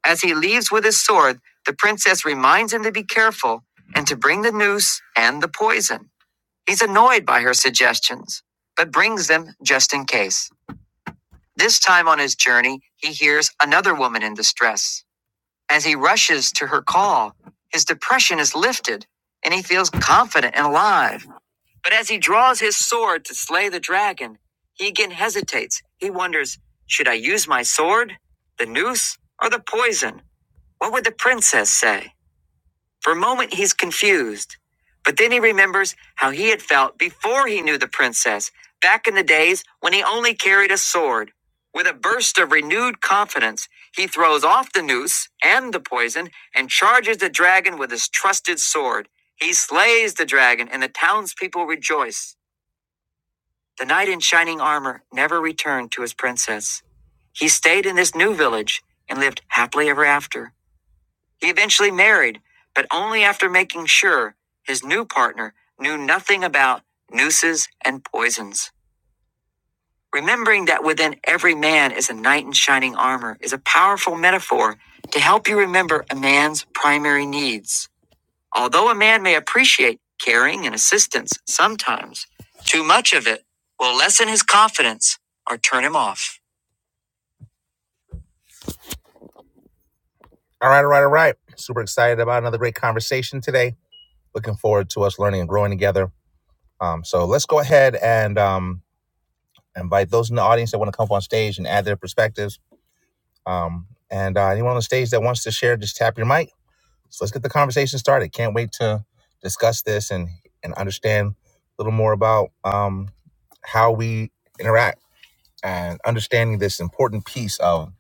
As he leaves with his sword, the princess reminds him to be careful and to bring the noose and the poison. He's annoyed by her suggestions, but brings them just in case. This time on his journey, he hears another woman in distress. As he rushes to her call, his depression is lifted and he feels confident and alive. But as he draws his sword to slay the dragon, he again hesitates. He wonders should I use my sword, the noose, or the poison? What would the princess say? For a moment, he's confused, but then he remembers how he had felt before he knew the princess, back in the days when he only carried a sword. With a burst of renewed confidence, he throws off the noose and the poison and charges the dragon with his trusted sword. He slays the dragon, and the townspeople rejoice. The knight in shining armor never returned to his princess. He stayed in this new village and lived happily ever after. He eventually married, but only after making sure his new partner knew nothing about nooses and poisons. Remembering that within every man is a knight in shining armor is a powerful metaphor to help you remember a man's primary needs. Although a man may appreciate caring and assistance sometimes, too much of it will lessen his confidence or turn him off. All right, all right, all right. Super excited about another great conversation today. Looking forward to us learning and growing together. Um, so let's go ahead and um, invite those in the audience that want to come up on stage and add their perspectives. Um, and uh, anyone on the stage that wants to share, just tap your mic. So let's get the conversation started. Can't wait to discuss this and and understand a little more about um, how we interact and understanding this important piece of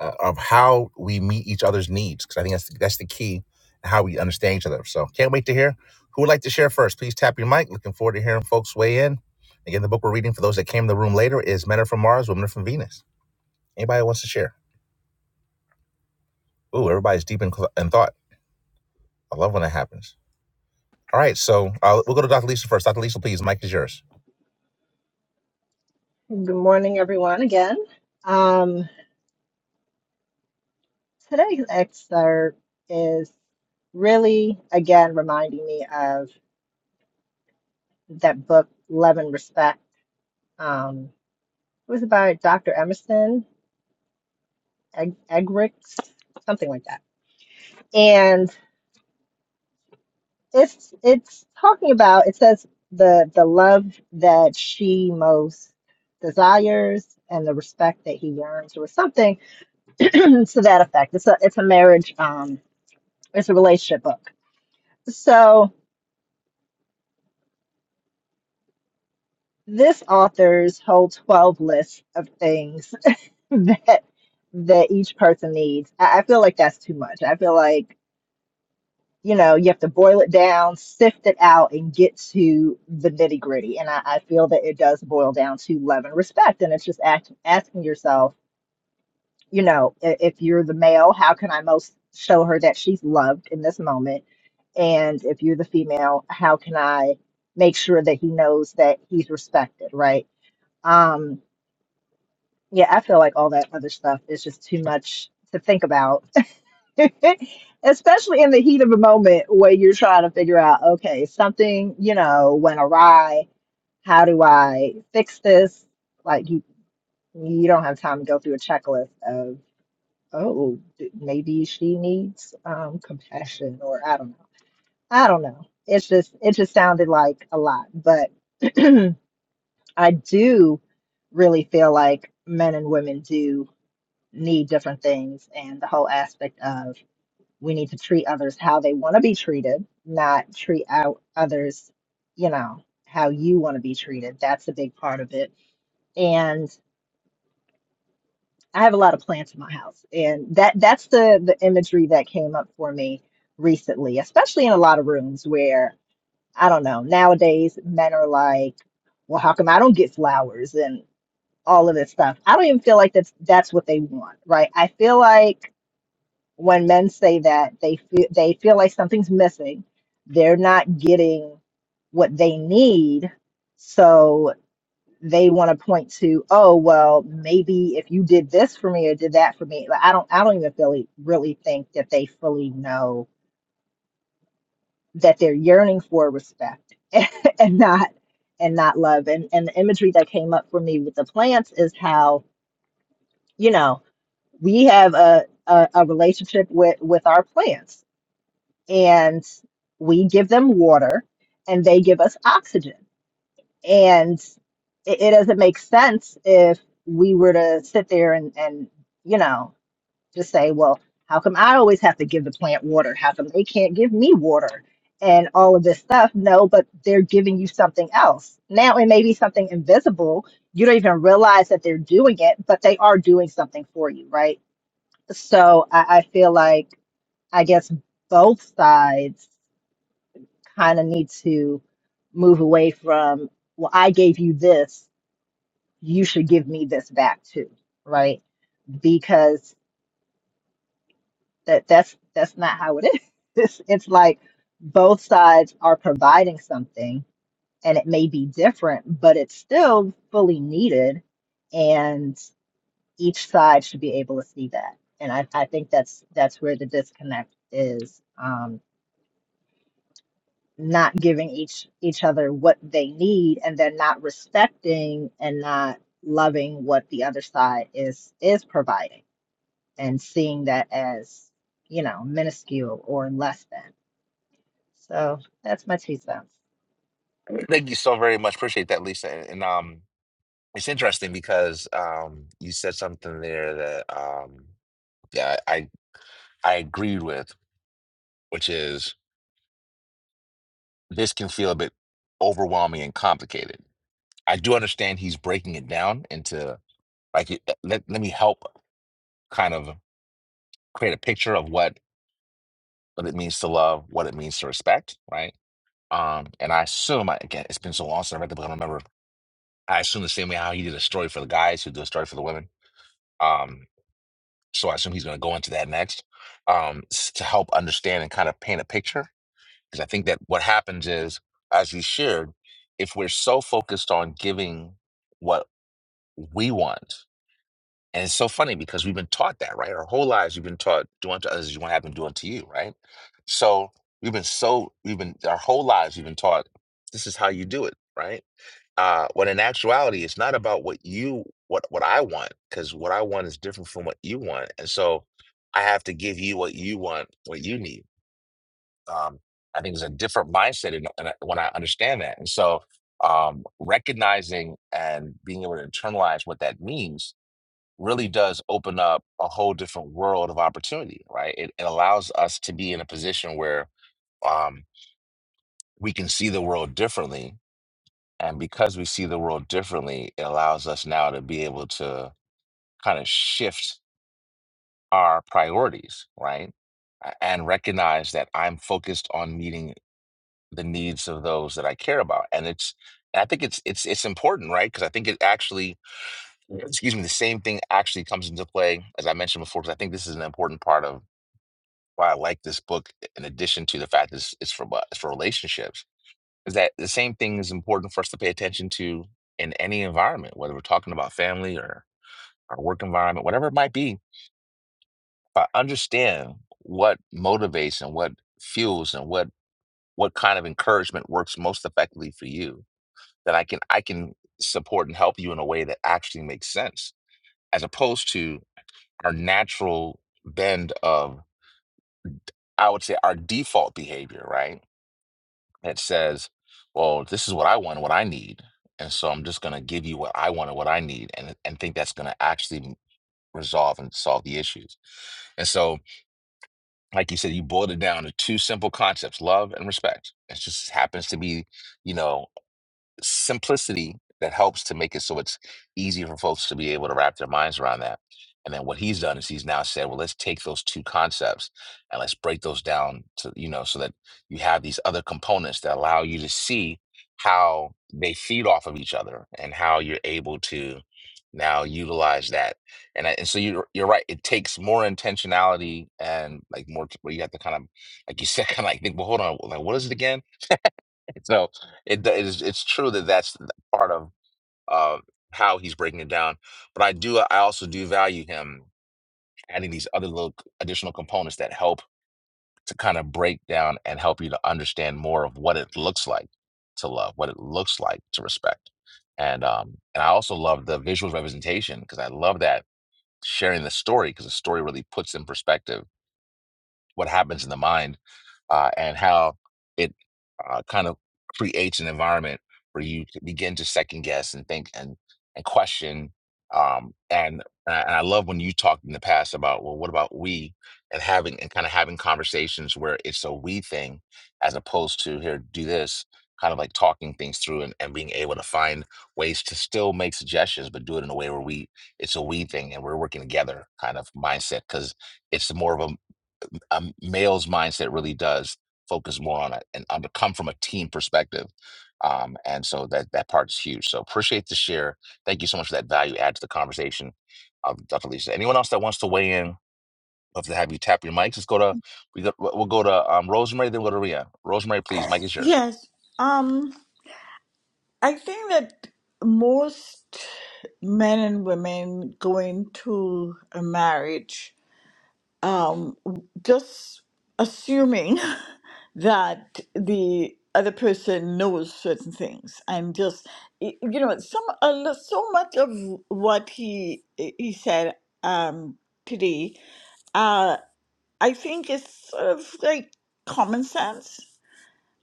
uh, of how we meet each other's needs because I think that's the, that's the key how we understand each other. So can't wait to hear. Who would like to share first? Please tap your mic. Looking forward to hearing folks weigh in. Again, the book we're reading for those that came in the room later is Men Are From Mars, Women Are From Venus. Anybody who wants to share? Ooh, everybody's deep in, in thought. I love when that happens. All right, so uh, we'll go to Dr. Lisa first. Dr. Lisa, please, mic is yours. Good morning, everyone, again. Um, Today's excerpt is really, again, reminding me of that book, Love and Respect. Um, it was by Dr. Emerson Egg Eggerichs, something like that. And it's it's talking about, it says the the love that she most desires and the respect that he yearns, or something to that effect. It's a it's a marriage, um, it's a relationship book. So this author's whole 12 list of things that that each person needs I, I feel like that's too much i feel like you know you have to boil it down sift it out and get to the nitty gritty and I, I feel that it does boil down to love and respect and it's just act, asking yourself you know i- if you're the male how can i most show her that she's loved in this moment and if you're the female how can i make sure that he knows that he's respected right um Yeah, I feel like all that other stuff is just too much to think about, especially in the heat of a moment where you're trying to figure out, okay, something, you know, went awry. How do I fix this? Like you, you don't have time to go through a checklist of, oh, d- maybe she needs um, compassion, or I don't know. I don't know. It's just, it just sounded like a lot, but I do really feel like men and women do. need different things and the whole aspect of we need to treat others how they want to be treated not treat out others you know how you want to be treated that's a big part of it and i have a lot of plants in my house and that that's the the imagery that came up for me recently especially in a lot of rooms where i don't know nowadays men are like well how come i don't get flowers and all of this stuff i don't even feel like that's that's what they want right i feel like when men say that they feel they feel like something's missing they're not getting what they need so they want to point to oh well maybe if you did this for me or did that for me Like, i don't i don't even really really think that they fully know that they're yearning for respect and not and not love and and the imagery that came up for me with the plants is how you know we have a a, a relationship with with our plants and we give them water and they give us oxygen. And it, it doesn't make sense if we were to sit there and, and, you know, just say, well, how come I always have to give the plant water? How come they can't give me water? And all of this stuff. No, but they're giving you something else. Now it may be something invisible. You don't even realize that they're doing it, but they are doing something for you, right? So I, I feel like, I guess both sides kind of need to move away from, well, I gave you this, you should give me this back too, right? Because that that's that's not how it is. It's, it's like both sides are providing something and it may be different, but it's still fully needed and each side should be able to see that. And I, I think that's that's where the disconnect is. um, not giving each each other what they need and then not respecting and not loving what the other side is is providing and seeing that as you know minuscule or less than so that's my two cents Thank you so very much. Appreciate that, Lisa. And, and um, It's interesting because um, you said something there that um, yeah, I I agreed with, which is this can feel a bit overwhelming and complicated. I do understand he's breaking it down into like it- let let me help kind of create a picture of what what it means to love, what it means to respect, right? Um, and I assume I, again, it's been so long since I read the book, I don't remember. I assume the same way how he did a story for the guys who do a story for the women. Um, so I assume he's going to go into that next um, s- to help understand and kind of paint a picture. Because I think that what happens is, as you shared, if we're so focused on giving what we want and it's so funny because we've been taught that, right? Our whole lives we've been taught do unto others as you want to have them do unto you, right? So we've been so we've been our whole lives we've been taught this is how you do it, right? Uh, when in actuality, it's not about what you what what I want because what I want is different from what you want, and so I have to give you what you want, what you need. Um, I think there's a different mindset in, in, when I understand that, and so um, recognizing and being able to internalize what that means really does open up a whole different world of opportunity, right? It, it allows us to be in a position where um, we can see the world differently. And because we see the world differently, it allows us now to be able to kind of shift our priorities, right? A- And recognize that I'm focused on meeting the needs of those that I care about. And it's, and I think it's it's it's important, right? Because I think it actually, excuse me, the same thing actually comes into play as I mentioned before. Because I think this is an important part of why I like this book, in addition to the fact that it's, it's for bu- it's for relationships, is that the same thing is important for us to pay attention to in any environment, whether we're talking about family or our work environment, whatever it might be. If I understand what motivates and what fuels and what what kind of encouragement works most effectively for you, then I can I can support and help you in a way that actually makes sense, as opposed to our natural bend of I would say our default behavior, right? that says, well, this is what I want, and what I need. And so I'm just going to give you what I want and what I need and, and think that's going to actually m- resolve and solve the issues. And so, like you said, you boiled it down to two simple concepts, love and respect. It just happens to be, you know, simplicity that helps to make it so it's easy for folks to be able to wrap their minds around that. And then what he's done is he's now said, well, let's take those two concepts and let's break those down to, you know, so that you have these other components that allow you to see how they feed off of each other and how you're able to now utilize that. And, I, and so you're, you're right. It takes more intentionality and like more, where you have to kind of, like you said, kind of like think, well, hold on, like, what is it again? So it it is it's true that that's the part of uh, how he's breaking it down. But I do I also do value him adding these other little c- additional components that help to kind of break down and help you to understand more of what it looks like to love, what it looks like to respect. And um and I also love the visual representation because I love that sharing the story because the story really puts in perspective what happens in the mind uh, and how it uh, kind of creates an environment where you to begin to second guess and think and and question. Um, and and I and I love when you talked in the past about well, what about we and having and kind of having conversations where it's a we thing as opposed to here do this kind of like talking things through and, and being able to find ways to still make suggestions but do it in a way where we it's a we thing and we're working together kind of mindset because it's more of a a m- male's mindset really does focus more on it and on to come from a team perspective. Um, and so that that part is huge. So appreciate the share. Thank you so much for that value add to the conversation, uh, Dr. Lisa. Anyone else that wants to weigh in? Love to have you tap your mics. Let's go to we go, we'll go to um, Rosemary, then we'll go to Ria. Rosemary, please, mic is yours. Yes. Um, I think that most men and women going to a marriage, um, just assuming that the other person knows certain things and just y- you know some a lo- so much of what he he said um today uh i think is sort of like common sense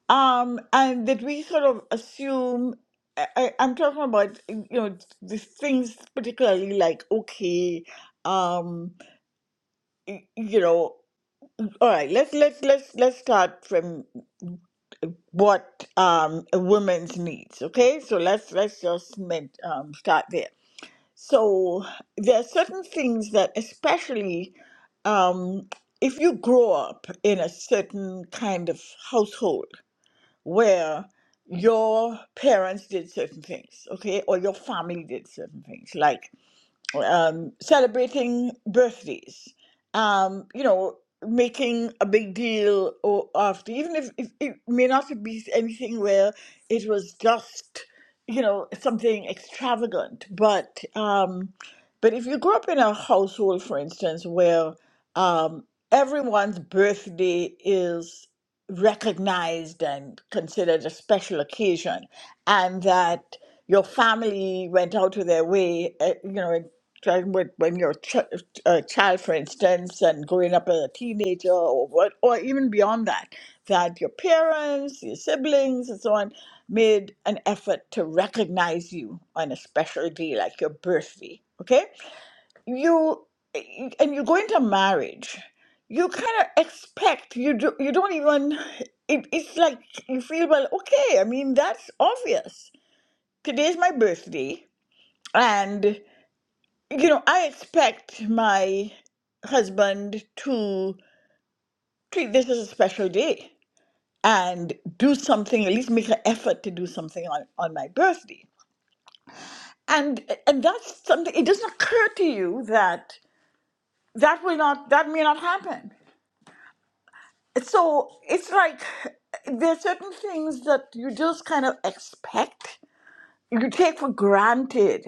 um, and that we sort of assume. I, I- I'm talking about you know these things particularly like okay, um, y- you know, all right. Let's let's let's let's start from what um a woman's needs. Okay, so let's let's just men- um, start there. So there are certain things that especially um if you grow up in a certain kind of household where your parents did certain things, okay, or your family did certain things, like um, celebrating birthdays, um, you know, making a big deal or after, even if, if it may not be anything where it was just, you know, something extravagant, but um, but if you grew up in a household, for instance, where um, everyone's birthday is recognized and considered a special occasion, and that your family went out of their way, uh, you know, trying when when you're a, ch- a child, for instance, and growing up as a teenager, or what, or even beyond that, that your parents, your siblings, and so on made an effort to recognize you on a special day like your birthday. Okay, you eh, and you go into marriage you kind of expect you do you don't even it, it's like you feel well okay i mean that's obvious today's my birthday and you know i expect my husband to treat this as a special day and do something at least make an effort to do something on, on my birthday and and that's something it doesn't occur to you that that will not that may not happen so it's like there are certain things that you just kind of expect, you take for granted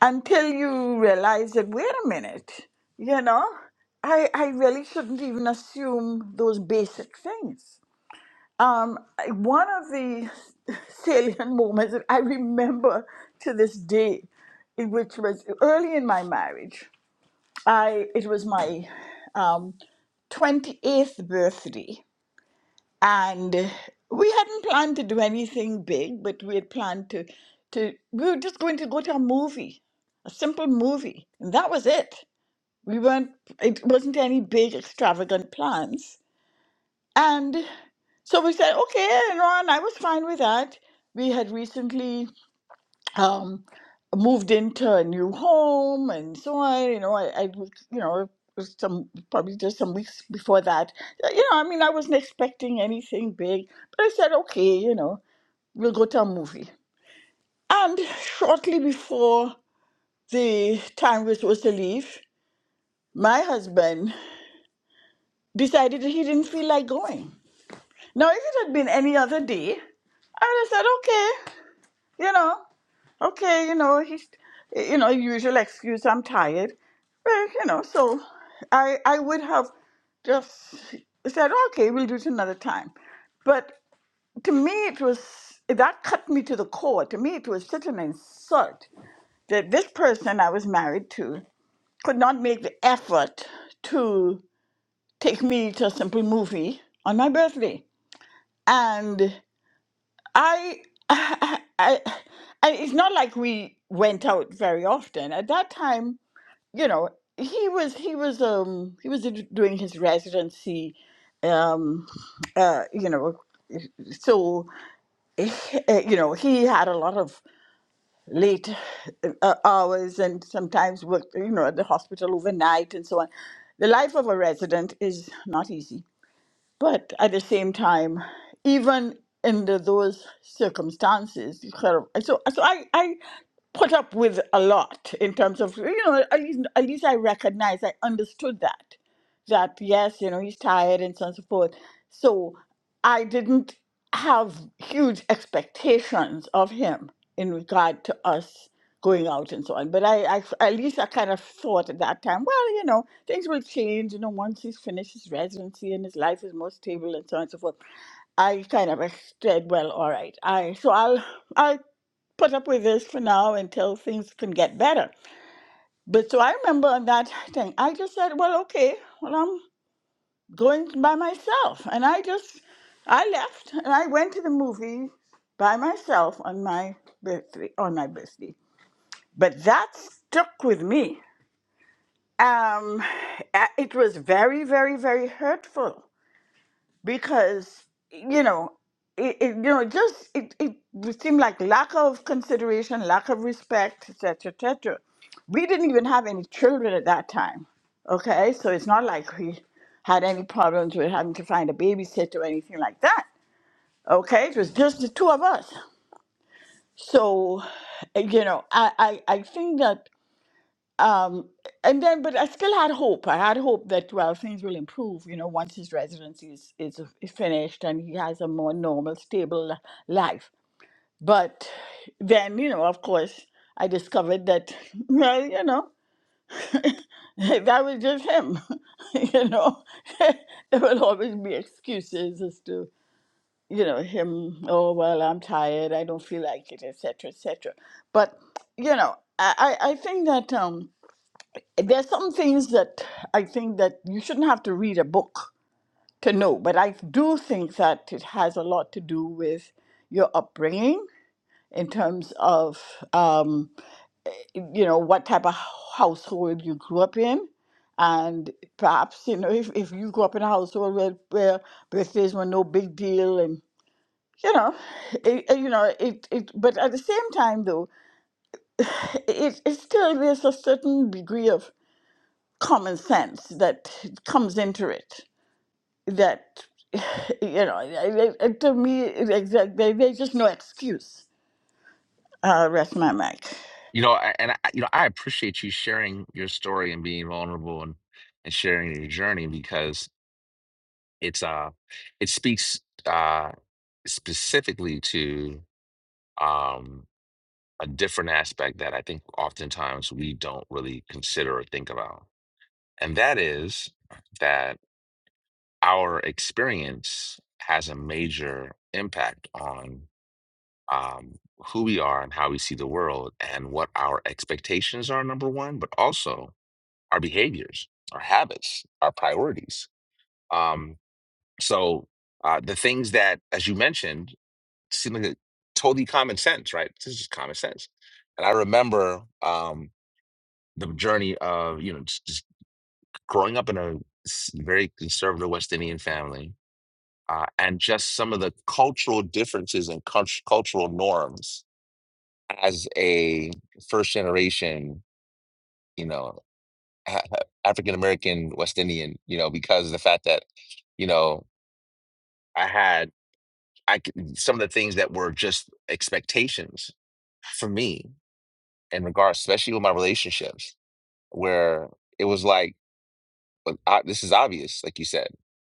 until you realize that, wait a minute, you know, I, I really shouldn't even assume those basic things. Um, I- one of the salient moments that I remember to this day, in which was early in my marriage, I it was my um, 28th birthday and we hadn't planned to do anything big, but we had planned to to we were just going to go to a movie, a simple movie, and that was it. We weren't it wasn't any big extravagant plans. And so we said, okay, you know, and I was fine with that. We had recently um, moved into a new home and so on. You know, I, I was- you know, it was some probably just some weeks before that. Uh, You know, I mean, I wasn't expecting anything big, but I said, okay, you know, we'll go to a movie. And shortly before the time we were supposed to leave, my husband decided that he didn't feel like going. Now, if it had been any other day, I would have said, okay, you know. okay, you know, he's, you know, usual excuse, I'm tired. But, you know, so I, I would have just said, okay, we'll do it another time. But to me, it was, that cut me to the core. To me, it was such an insult that this person I was married to could not make the effort to take me to a simple movie on my birthday. and. I, I, I, I- it's not like we went out very often. At that time, you know, he was he was um he was d- doing his residency um uh you know so eh, eh, you know he had a lot of late uh, hours and sometimes worked you know at the hospital overnight and so on the life of a resident is not easy but at the same time, even under those circumstances, you kind of, so so I, I put up with a lot in terms of you know at least, at least I recognized I understood that that yes you know he's tired and so on and so forth. So I didn't have huge expectations of him in regard to us going out and so on. But I, I at least I kind of thought at that time, well, you know, things will change, you know, once he's finished his residency and his life is more stable and so on and so forth. I kind of said, well, all right, I so I'll I'll put up with this for now until things can get better. But so I remember on that thing, I just said, well, okay, well, I'm going by myself, and I just I left and I went to the movie by myself on my birthday on my birthday but that stuck with me. Um, a- it was very, very, very hurtful because you know, it, it you know just it, it seemed like lack of consideration, lack of respect, et cetera, et cetera. We didn't even have any children at that time. Okay, so it's not like we had any problems with having to find a babysitter or anything like that. Okay, it was just the two of us. So, uh, you know, I, I, I think that um, and then, but I still had hope. I had hope that well, things will improve. You know, once his residency is, is, is finished and he has a more normal, stable li- life. But then, you know, of course, I discovered that well, you know, that was just him. you know, there will always be excuses as to you know him. Oh well, I'm tired. I don't feel like it, etc., etc. But you know, I I I think that. um there's some things that I think that you shouldn't have to read a book to know, but I do think that it has a lot to do with your upbringing in terms of um, you know what type of household you grew up in. And perhaps, you know, if, if you grew up in a household where, where birthdays were no big deal and, you know, it, it- you know, it, it, but at the same time though, it, it still, there's a certain degree of common sense that comes into it that you know I- I- I- to me exactly there's just no excuse uh rest my mic You know, I- and I, you know, I appreciate you sharing your story and being vulnerable and and sharing your journey because it's uh it speaks uh specifically to um, a different aspect that I think oftentimes we don't really consider or think about. And that is that our experience has a major impact on um, who we are and how we see the world and what our expectations are, number one, but also our behaviors, our habits, our priorities. Um, so, uh, the things that, as you mentioned, seemed like a totally common sense, right? This is just common sense. And I remember um, the journey of you know just, just growing up in a s- very conservative West Indian family, uh, and just some of the cultural differences and cult- cultural norms as a first generation, you know, African American West Indian, you know, because of the fact that you know I had I c- some of the things that were just expectations for me in regards, especially with my relationships, where it was like, but I, this is obvious, like you said,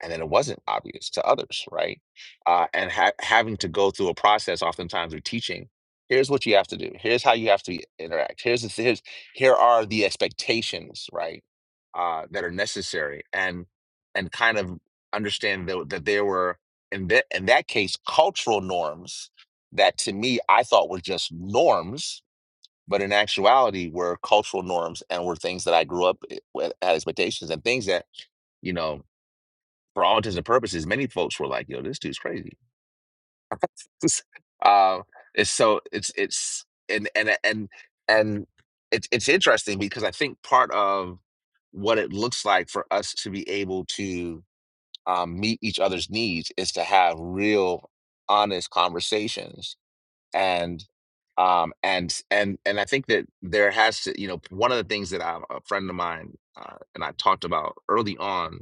and then it wasn't obvious to others, right? Uh, and ha- having to go through a process, oftentimes with teaching, here's what you have to do. Here's how you have to interact. Here's the here's here are the expectations, right? Uh, that are necessary, and and kind of understand that, that there were in that in that case cultural norms that to me I thought were just norms but in actuality were cultural norms and were things that I grew up i- with had expectations and things that, you know, for all intents and purposes, many folks were like, yo, this dude's crazy. uh, it's so it's it's and and and and it's it's interesting because I think part of what it looks like for us to be able to um, meet each other's needs is to have real honest conversations and um and and and i think that there has to you know one of the things that I, a friend of mine uh, and i talked about early on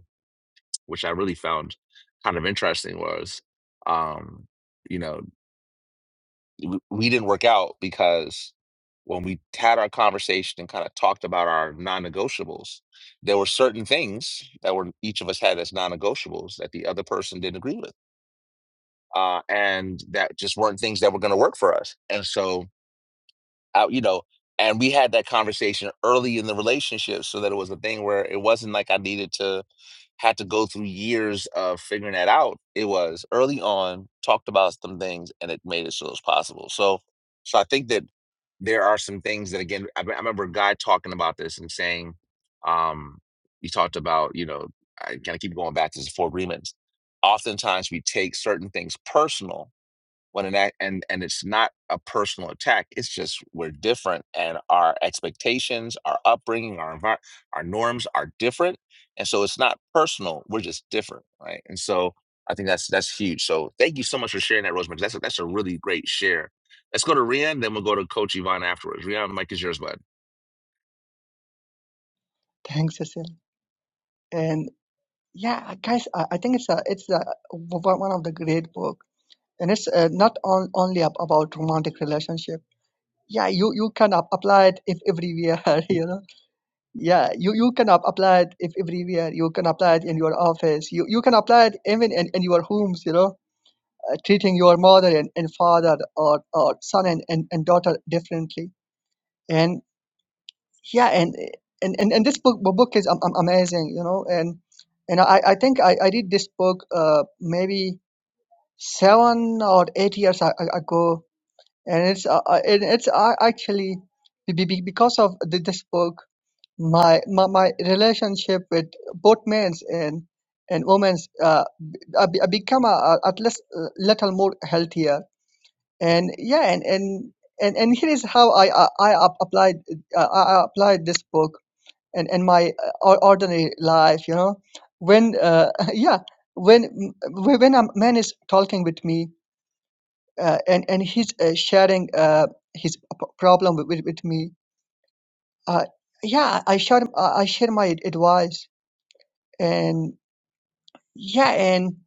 which i really found kind of interesting was um you know w- we didn't work out because when we had our conversation and kind of talked about our non-negotiables there were certain things that were each of us had as non-negotiables that the other person didn't agree with uh, and that just weren't things that were going to work for us and so out, you know, and we had that conversation early in the relationship so that it was a thing where it wasn't like I needed to had to go through years of figuring that out. It was early on, talked about some things and it made it so it was possible. So so I think that there are some things that again I, I remember a guy talking about this and saying, um, he talked about, you know, I kind of keep going back to the four agreements. Oftentimes we take certain things personal when an act and and it's not a personal attack it's just we're different and our expectations our upbringing our environment our norms are different and so it's not personal we're just different right and so i think that's that's huge so thank you so much for sharing that Rosemary. that's a, that's a really great share let's go to rian then we'll go to coach yvonne afterwards rian mike is yours bud Thanks, Cecil. And yeah, guys, I, I think it's a it's a, one of the great book and it's uh, not on, only ab- about romantic relationship yeah you you can ap- apply it if everywhere you know yeah you you can ap- apply it if everywhere you can apply it in your office you you can apply it even in, in your homes you know uh, treating your mother and, and father or, or son and, and, and daughter differently and yeah and and, and, and this book book is um, um, amazing you know and and i, I think I, I read this book uh, maybe seven or eight years a- a- ago and it's uh, uh, and it's uh, actually be- be- be- because of the, this book my, my my relationship with both men's and and women's uh, b- uh, be- uh, become a, a, at least a little more healthier and yeah and and and, and here is how I I, I ap- applied uh, I I applied this book and and my uh, or- ordinary life you know when uh, yeah when when a man is talking with me uh, and and he's uh, sharing uh, his p- problem with, with, with me. Uh, yeah, I share uh, I share my advice, and yeah, and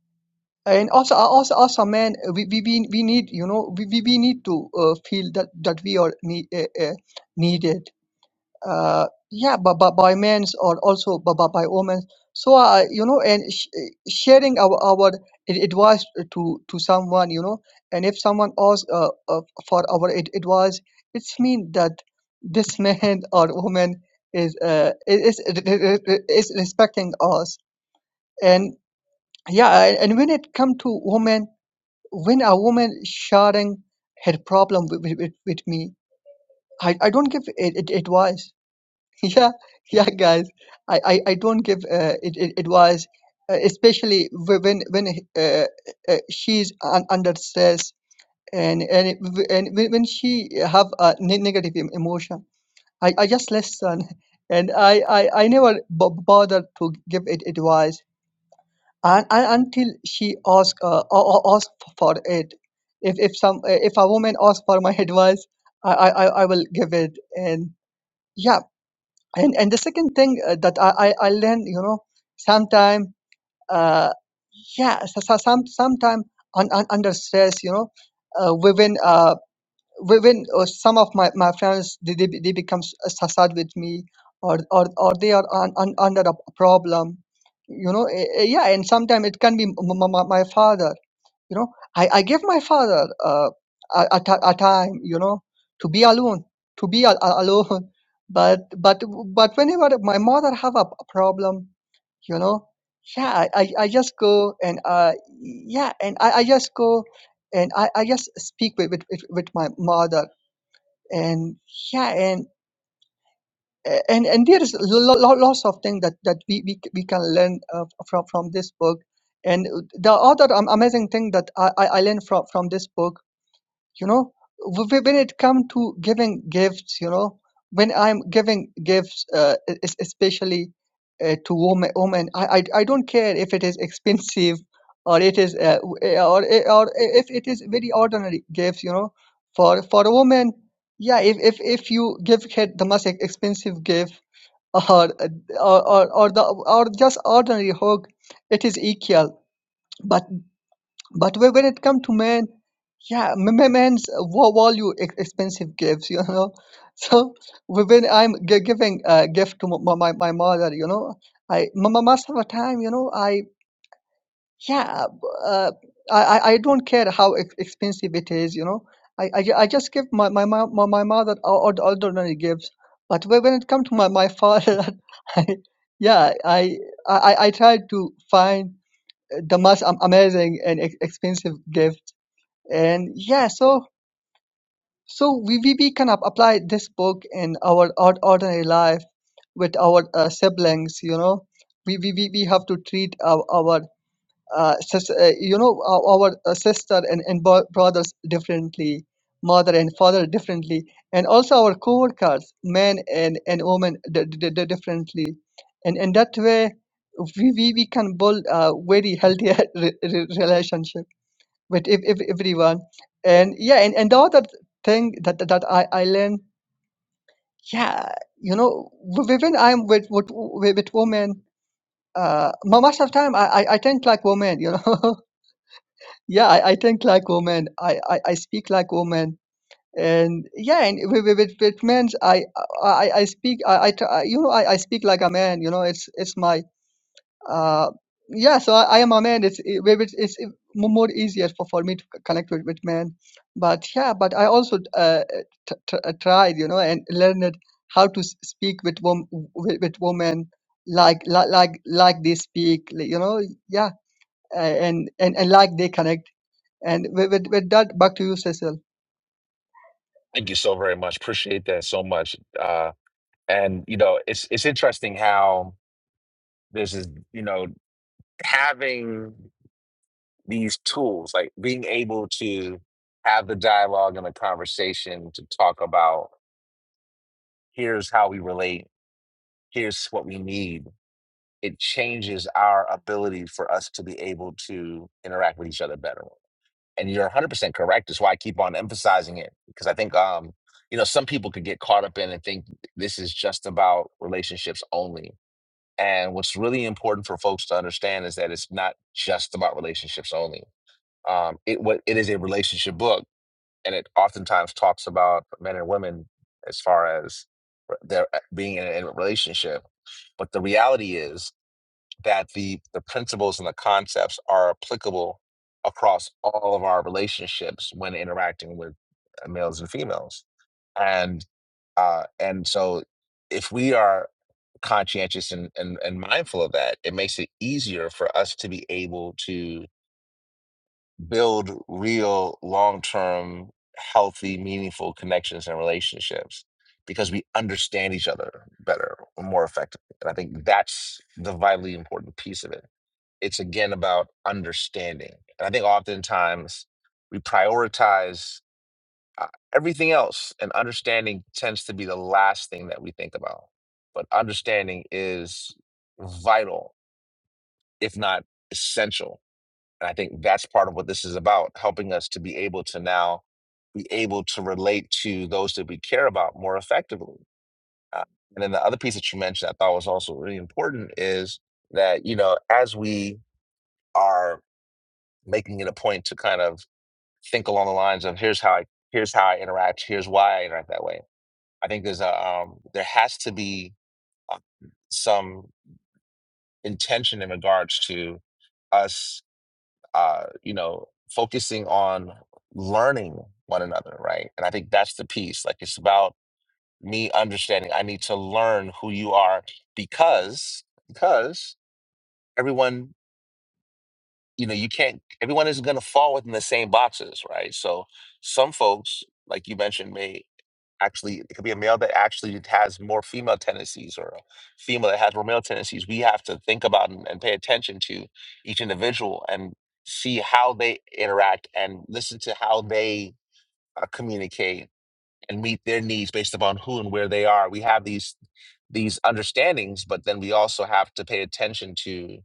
and also uh, also also man, we we, we we need you know we we we need to uh, feel that that we are need, uh, uh, needed uh, yeah, but, by by men or also by but by women. So uh, you know, and sh- sharing our our ad- advice to to someone, you know, and if someone asks uh, uh, for our ad- advice, it's mean that this man or woman is uh, is is is respecting us. And yeah, and and when it come to women, when a woman sharing her problem with, with, with me, I, I don't give it, it advice yeah yeah guys i i, I don't give uh, it, it advice uh, especially wh- when when uh, uh, she's un- under stress and and, it, w- and when when she have a ne- negative em- emotion i i just listen and i i, I never b- bother to give it advice and, and until she ask uh, a- a- ask for it if if some uh, if a woman asks for my advice i i, I I will give it and yeah and and the second thing uh, that I, I I learned, you know, sometime, uh, yeah, so, so, some sometime un, un, under stress, you know, uh, within uh, within uh, some of my, my friends they they, be- they become s- uh, sad with me, or or or they are un, un, under a problem, you know, eh, eh, yeah, and sometimes it can be m- m- m- my father you know i, I give my father uh, a, a, ti- a time you know to be alone to be a, a- alone but but but whenever my mother have a, p- problem you know yeah i, I I just go and uh yeah and i, I just go and I, I just speak with, with with with my mother and yeah and and and there is lo- lo- lots of things that that we we, c- we can learn uh, from from this book and the other um, amazing thing that I, I I learned from, from this book you know Wh- wh- when it come to giving gifts you know when i'm giving gifts uh, e- es- especially uh, to women women I, I i don't care if it is expensive or it is uh, w- eh, or eh, or eh, if it is very ordinary gifts you know for for a woman yeah if if, if you give her the most ex- expensive gift or, or or or the or just ordinary hug it is equal but when when it come to men, yeah, m- m- men's uh, wa- value ex- expensive gifts, you know. So wh- when I'm gi- giving a gift to my, my, my mother, you know, I m- m- most of the time, you know, I yeah, b- uh, I I I don't care how ex- expensive it is, you know. I I, ju- I just give my my mo- my, my mother o- ord- ordinary gifts. But wh- when it come to my my father, I, yeah, I I I I try to find the most am- amazing and ex- expensive gift and yeah so so we, we, we can ap- apply this book in our ord- ordinary life with our uh, siblings you know we, we, we, we have to treat our, our uh, sis, uh, you know our, our uh, sister and, and bro- brothers differently mother and father differently and also our co-workers men and, and women d- d- d- differently and in that way we, we, we can build a very healthy re- re- relationship with ev- ev- everyone and yeah and, and the other thing that that that i i learned yeah you know wh- when i'm with with, with with women uh mo- most of the time i i, I think like women you know yeah I, I think like women I, I i speak like women and yeah and with with, with with men i i i I speak i i tr- I- you know I, I speak like a man you know it's it's my Uh, yeah, so I, I am a man. It's it, maybe it's, it's mo- more easier for, for me to c- connect with, with men. But yeah, but I also uh, t- t- uh, tried, you know, and learned how to s- speak with wom- with, with women like like like like they speak, like, you know, yeah, uh, and and and like they connect. And with, with, with that, back to you, Cecil. thank you so very much appreciate that so much uh and you know it's it's interesting how this is you know having these tools, like being able to have the dialogue and the conversation to talk about here's how we relate, here's what we need. It changes our ability for us to be able to interact with each other better. And you're 100% correct. That's why I keep on emphasizing it because I think, um, you know, some people could get caught up in and think this is just about relationships only. And what's really important for folks to understand is that it's not just about relationships only um, it what it is a relationship book and it oftentimes talks about men and women as far as r- their uh, being in a, in a relationship but the reality is that the the principles and the concepts are applicable across all of our relationships when interacting with uh, males and females and uh and so if we are conscientious and, and and mindful of that it makes it easier for us to be able to build real, long term, healthy, meaningful connections and relationships because we understand each other better, or more effectively. And I think that's the vitally important piece of it. It's again about understanding. And I think oftentimes we prioritize uh, everything else, and understanding tends to be the last thing that we think about. But understanding is vital, if not essential and I think that's part of what this is about, helping us to be able to now be able to relate to those that we care about more effectively. Uh, and then the other piece that you mentioned I thought was also really important is that, you know, as we are making it a point to kind of think along the lines of here's how I here's how I interact, here's why I interact that way. I think there's a um, there has to be uh, some intention in regards to us uh, you know, focusing on learning one another, right? And I think that's the piece. Like it's about me understanding I need to learn who you are because because everyone you know you can't everyone isn't going to fall within the same boxes right so some folks like you mentioned may actually it could be a male that actually has more female tendencies or a female that has more male tendencies we have to think about and, and pay attention to each individual and see how they interact and listen to how they uh, communicate and meet their needs based upon who and where they are we have these these understandings but then we also have to pay attention to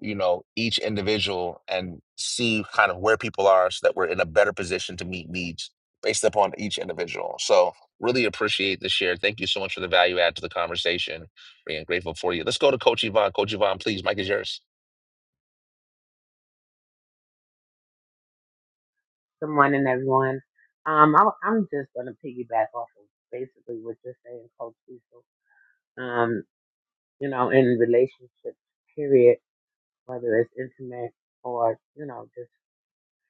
you know each individual and see kind of where people are so that we're in a better position to meet needs based upon each individual so really appreciate the share thank you so much for the value add to the conversation and grateful for you let's go to coach yvonne coach yvonne please mike is yours Good morning, everyone. Um, I, I'm just going to piggyback off of basically what you're saying, Coach Cecil. Um, you know, in relationships, period, whether it's intimate or, you know, just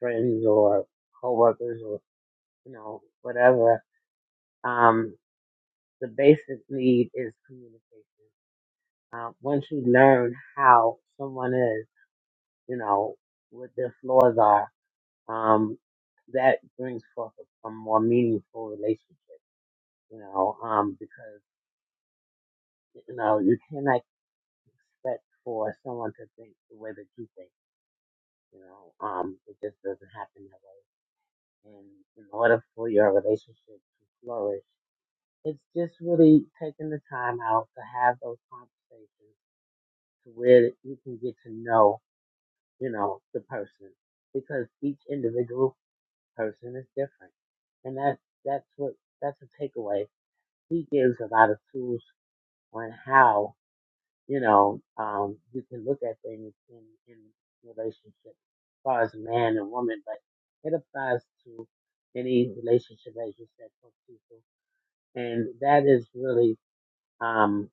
friends or coworkers or, you know, whatever, um, the basic need is communication. Uh, once you learn how someone is, you know, what their flaws are, um, that brings forth a, a more meaningful relationship you know, um, because, you know, you cannot expect for someone to think the way that you think, you know, um, it just doesn't happen that way. And in order for your relationship to flourish, it's just really taking the time out to have those conversations to where you can get to know, you know, the person because each individual person is different. And that, that's what, that's a takeaway. He gives a lot of tools on how you know, um, you can look at things in, in relationship as far as man and woman, but it applies to any relationship, as you said, for people. And that is really, um,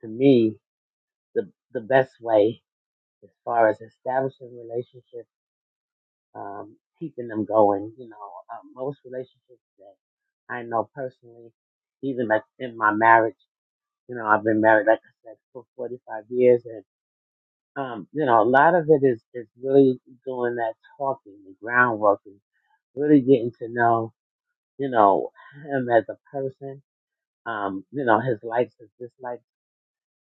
to me, the, the best way as far as establishing relationships, um, keeping them going. You know, uh, most relationships that I know personally, even like in my marriage, you know, I've been married, like I said, for 45 years and Um, you know, a lot of it is, is really doing that talking, the groundwork, and really getting to know, you know, him as a person, um, you know, his likes, his dislikes.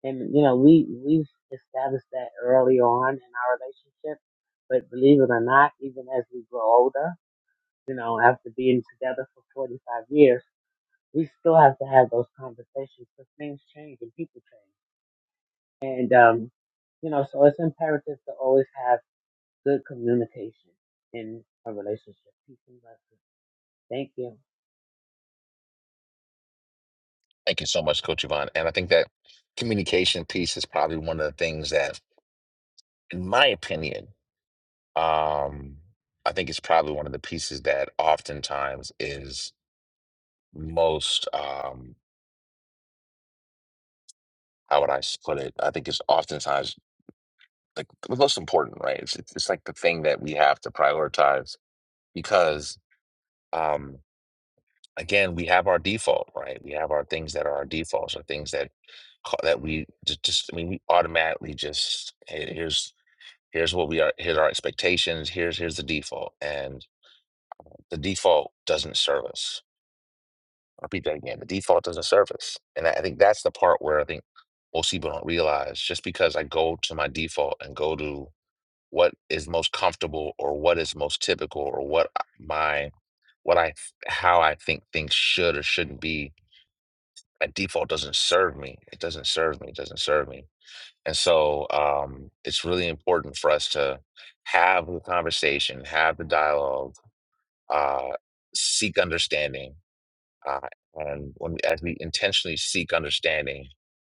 And, you know, we, we've established that early on in our relationship. But believe it or not, even as we grow older, you know, after being together for 45 years, we still have to have those conversations because things change and people change. And, um, you know, so it's imperative to always have good communication in a relationship. Peace and blessings. Thank you. thank you so much coach yvonne and i think that communication piece is probably one of the things that in my opinion um i think it's probably one of the pieces that oftentimes is most um how would I s- put it? I think it's oftentimes like the most important, right? It's, it's it's like the thing that we have to prioritize because um again, we have our default, right? We have our things that are our defaults or things that ca- that we just, just I mean we automatically just hey, here's here's what we are here's our expectations, here's here's the default and the default doesn't serve us. I'll repeat that again. The default doesn't serve us. And I, I think that's the part where I think most people don't realize just because I go to my default and go to what is most comfortable or what is most typical or what I- my what I th- how I think things should or shouldn't be by default doesn't serve me. It doesn't serve me. It doesn't serve me. And so um, it's really important for us to have the conversation, have the dialogue, uh, seek understanding. Uh, and when we, as we intentionally seek understanding,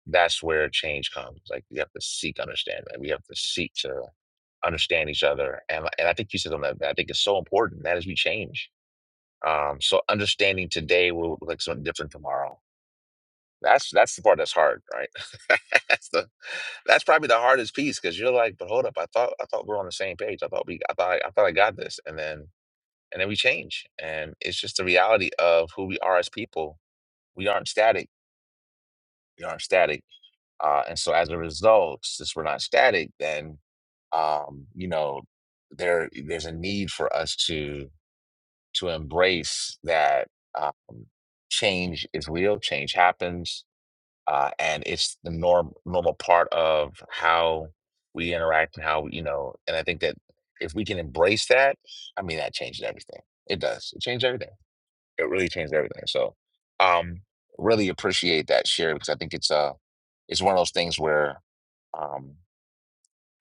that's where change comes. Like we have to seek understanding. We have to seek to understand each other. And and I think you said something that I think is so important. That is we change. Um, so understanding today will look like something different tomorrow. That's that's the part that's hard, right? that's the that's probably the hardest piece because you're like, but hold up, I thought I thought we are on the same page. I thought we I thought I, I thought I got this, and then and then we change, and it's just the reality of who we are as people. We aren't static. We aren't static Uh, and so as a result, since we're not static, then um, you know there there's a need for us to to embrace that um, change is real, change happens, uh, and it's the norm normal part of how we interact and how we, you know. And I think that if we can embrace that, I mean that changes everything. It does. It changes everything. It really changed everything. So, um, really appreciate that share because I think it's uh it's one of those things where um,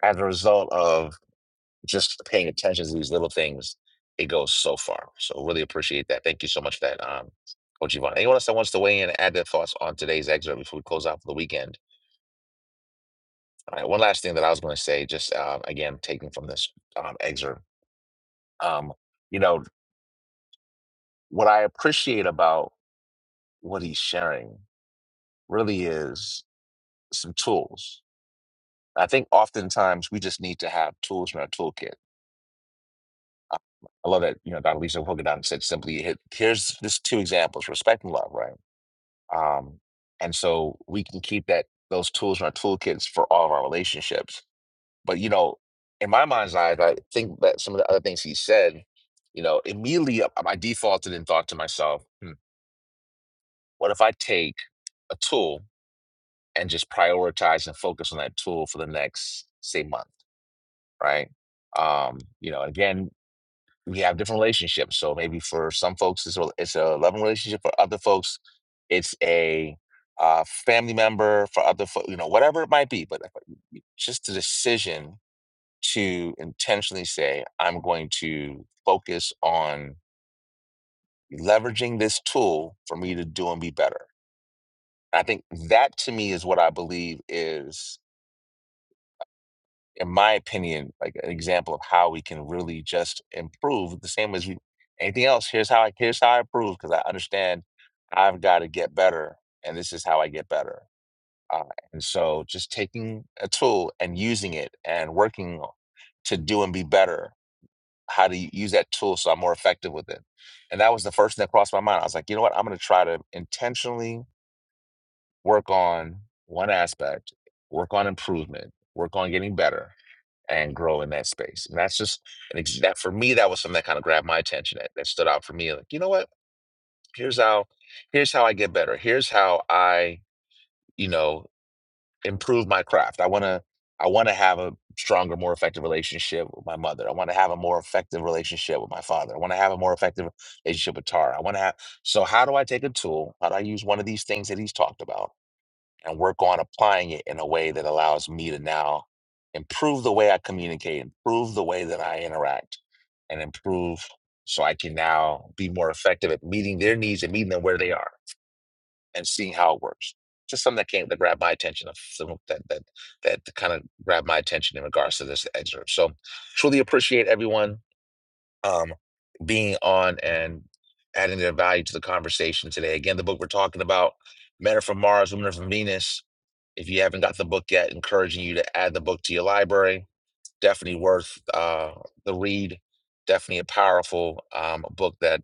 as a result of just paying attention to these little things, it goes so far. So really appreciate that. Thank you so much for that, um, Coach Yvonne. Anyone else that wants to weigh in and add their thoughts on today's excerpt before we close out for the weekend? All right, one last thing that I was going to say, just uh, again, taking from this um, excerpt, um, you know, what I appreciate about what he's sharing really is some tools I think oftentimes we just need to have tools in our toolkit. I I love that, you know, Dr. Lisa Hogan said simply, hit, here's just two examples, respect and love, right? Um, and so we can keep that those tools in our toolkits for all of our relationships. But, you know, in my mind's eye, I think that some of the other things he said, you know, immediately I I defaulted and thought to myself, hmm, what if I take a tool and just prioritize and focus on that tool for the next, say, month, right? Um, you know, again, we have different relationships. So maybe for some folks, it's a, it's a loving relationship. For other folks, it's a uh, family member. For other, folks, you know, whatever it might be. But just the decision to intentionally say, I'm going to focus on leveraging this tool for me to do and be better. I think that to me is what I believe is in my opinion, like an example of how we can really just improve. The same as you, anything else. Here's how I here's how I improve because I understand I've got to get better, and this is how I get better. Uh, and so, just taking a tool and using it and working o- to do and be better. How to use that tool so I'm more effective with it. And that was the first thing that crossed my mind. I was like, you know what? I'm going to try to intentionally work on one aspect, work on improvement, work on getting better and grow in that space. And that's just an ex- that for me, that was something that kind of grabbed my attention that, that stood out for me. Like, you know what? Here's how here's how I get better. Here's how I, you know, improve my craft. I wanna I wanna have a stronger, more effective relationship with my mother. I wanna have a more effective relationship with my father. I wanna have a more effective relationship with Tara. I wanna have so how do I take a tool? How do I use one of these things that he's talked about? and work on applying it in a way that allows me to now improve the way I communicate, improve the way that I interact, and improve so I can now be more effective at meeting their needs and meeting them where they are and seeing how it works. Just something that came that grabbed my attention of some- that that that kind of grabbed my attention in regards to this excerpt. So truly appreciate everyone um, being on and adding their value to the conversation today. Again, the book we're talking about, Men are from Mars, Women are from Venus if you haven't got the book yet, encouraging you to add the book to your library. Definitely worth uh, the read. Definitely a powerful um, book that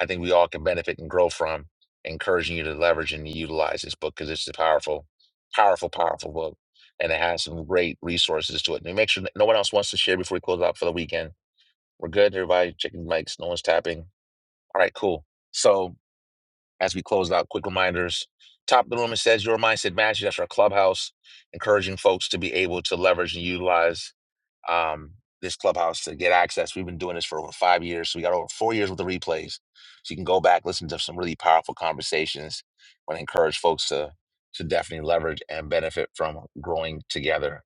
I think we all can benefit and grow from. Encouraging you to leverage and utilize this book because it's a powerful, powerful, powerful book. And it has some great resources to it. And make sure that no one else wants to share before we close out for the weekend. We're good. Everybody checking mics. No one's tapping. All right, cool. So as we close out, quick reminders. Top of the room, it says your mindset matters. That's our clubhouse, encouraging folks to be able to leverage and utilize um, this clubhouse to get access. We've been doing this for over five years. So we got over four years with the replays. So you can go back, listen to some really powerful conversations. I want to encourage folks to, to definitely leverage and benefit from growing together.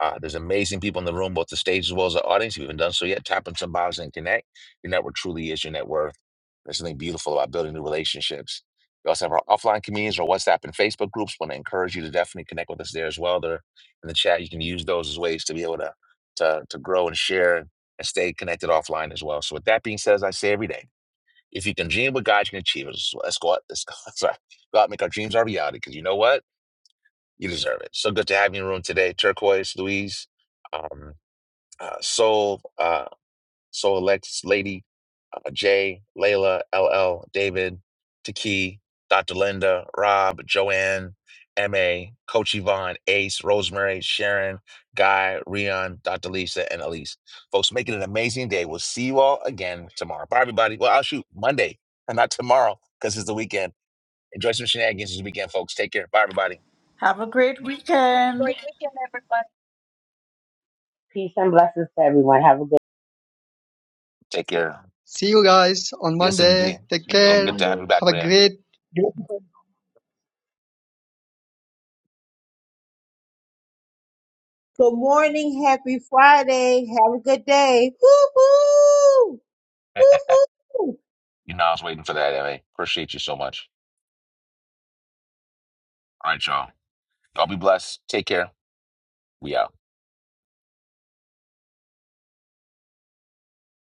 Uh, there's amazing people in the room, both the stage as well as the audience. If you haven't done so yet, tap on some bios and connect. Your network truly is your net worth. There's something beautiful about building new relationships. We also have our offline communities, our WhatsApp and Facebook groups. Want to encourage you to definitely connect with us there as well. They're in the chat. You can use those as ways to be able to to, to grow and share and stay connected offline as well. So with that being said, as I say every day, if you can dream what God you can achieve, let's, let's go out, let's go, sorry, go out and make our dreams our reality because you know what? You deserve it. So good to have you in the room today, Turquoise, Louise, um, uh, Soul. uh, so Alexis, Lady, uh, Jay, Layla, LL, David, Taki, Dr. Linda, Rob, Joanne, MA, Coach Yvonne, Ace, Rosemary, Sharon, Guy, Rion, Dr. Lisa, and Elise. Folks, make it an amazing day. We'll see you all again tomorrow. Bye, everybody. Well, I'll shoot Monday and not tomorrow because it's the weekend. Enjoy some shenanigans this weekend, folks. Take care. Bye, everybody. have a great weekend Peace and blessings to everyone. Have a good Take care. See you guys on Yes, Monday. indeed. Take See, Yeah, I'm care. good to Monday. have you back, Have a Ram. great Good morning. Happy Friday. Have a good day. Woo-hoo! Woo-hoo! you know, I was waiting for that, MA. Appreciate you so much. All right, y'all. Y'all be blessed. Take care. We out.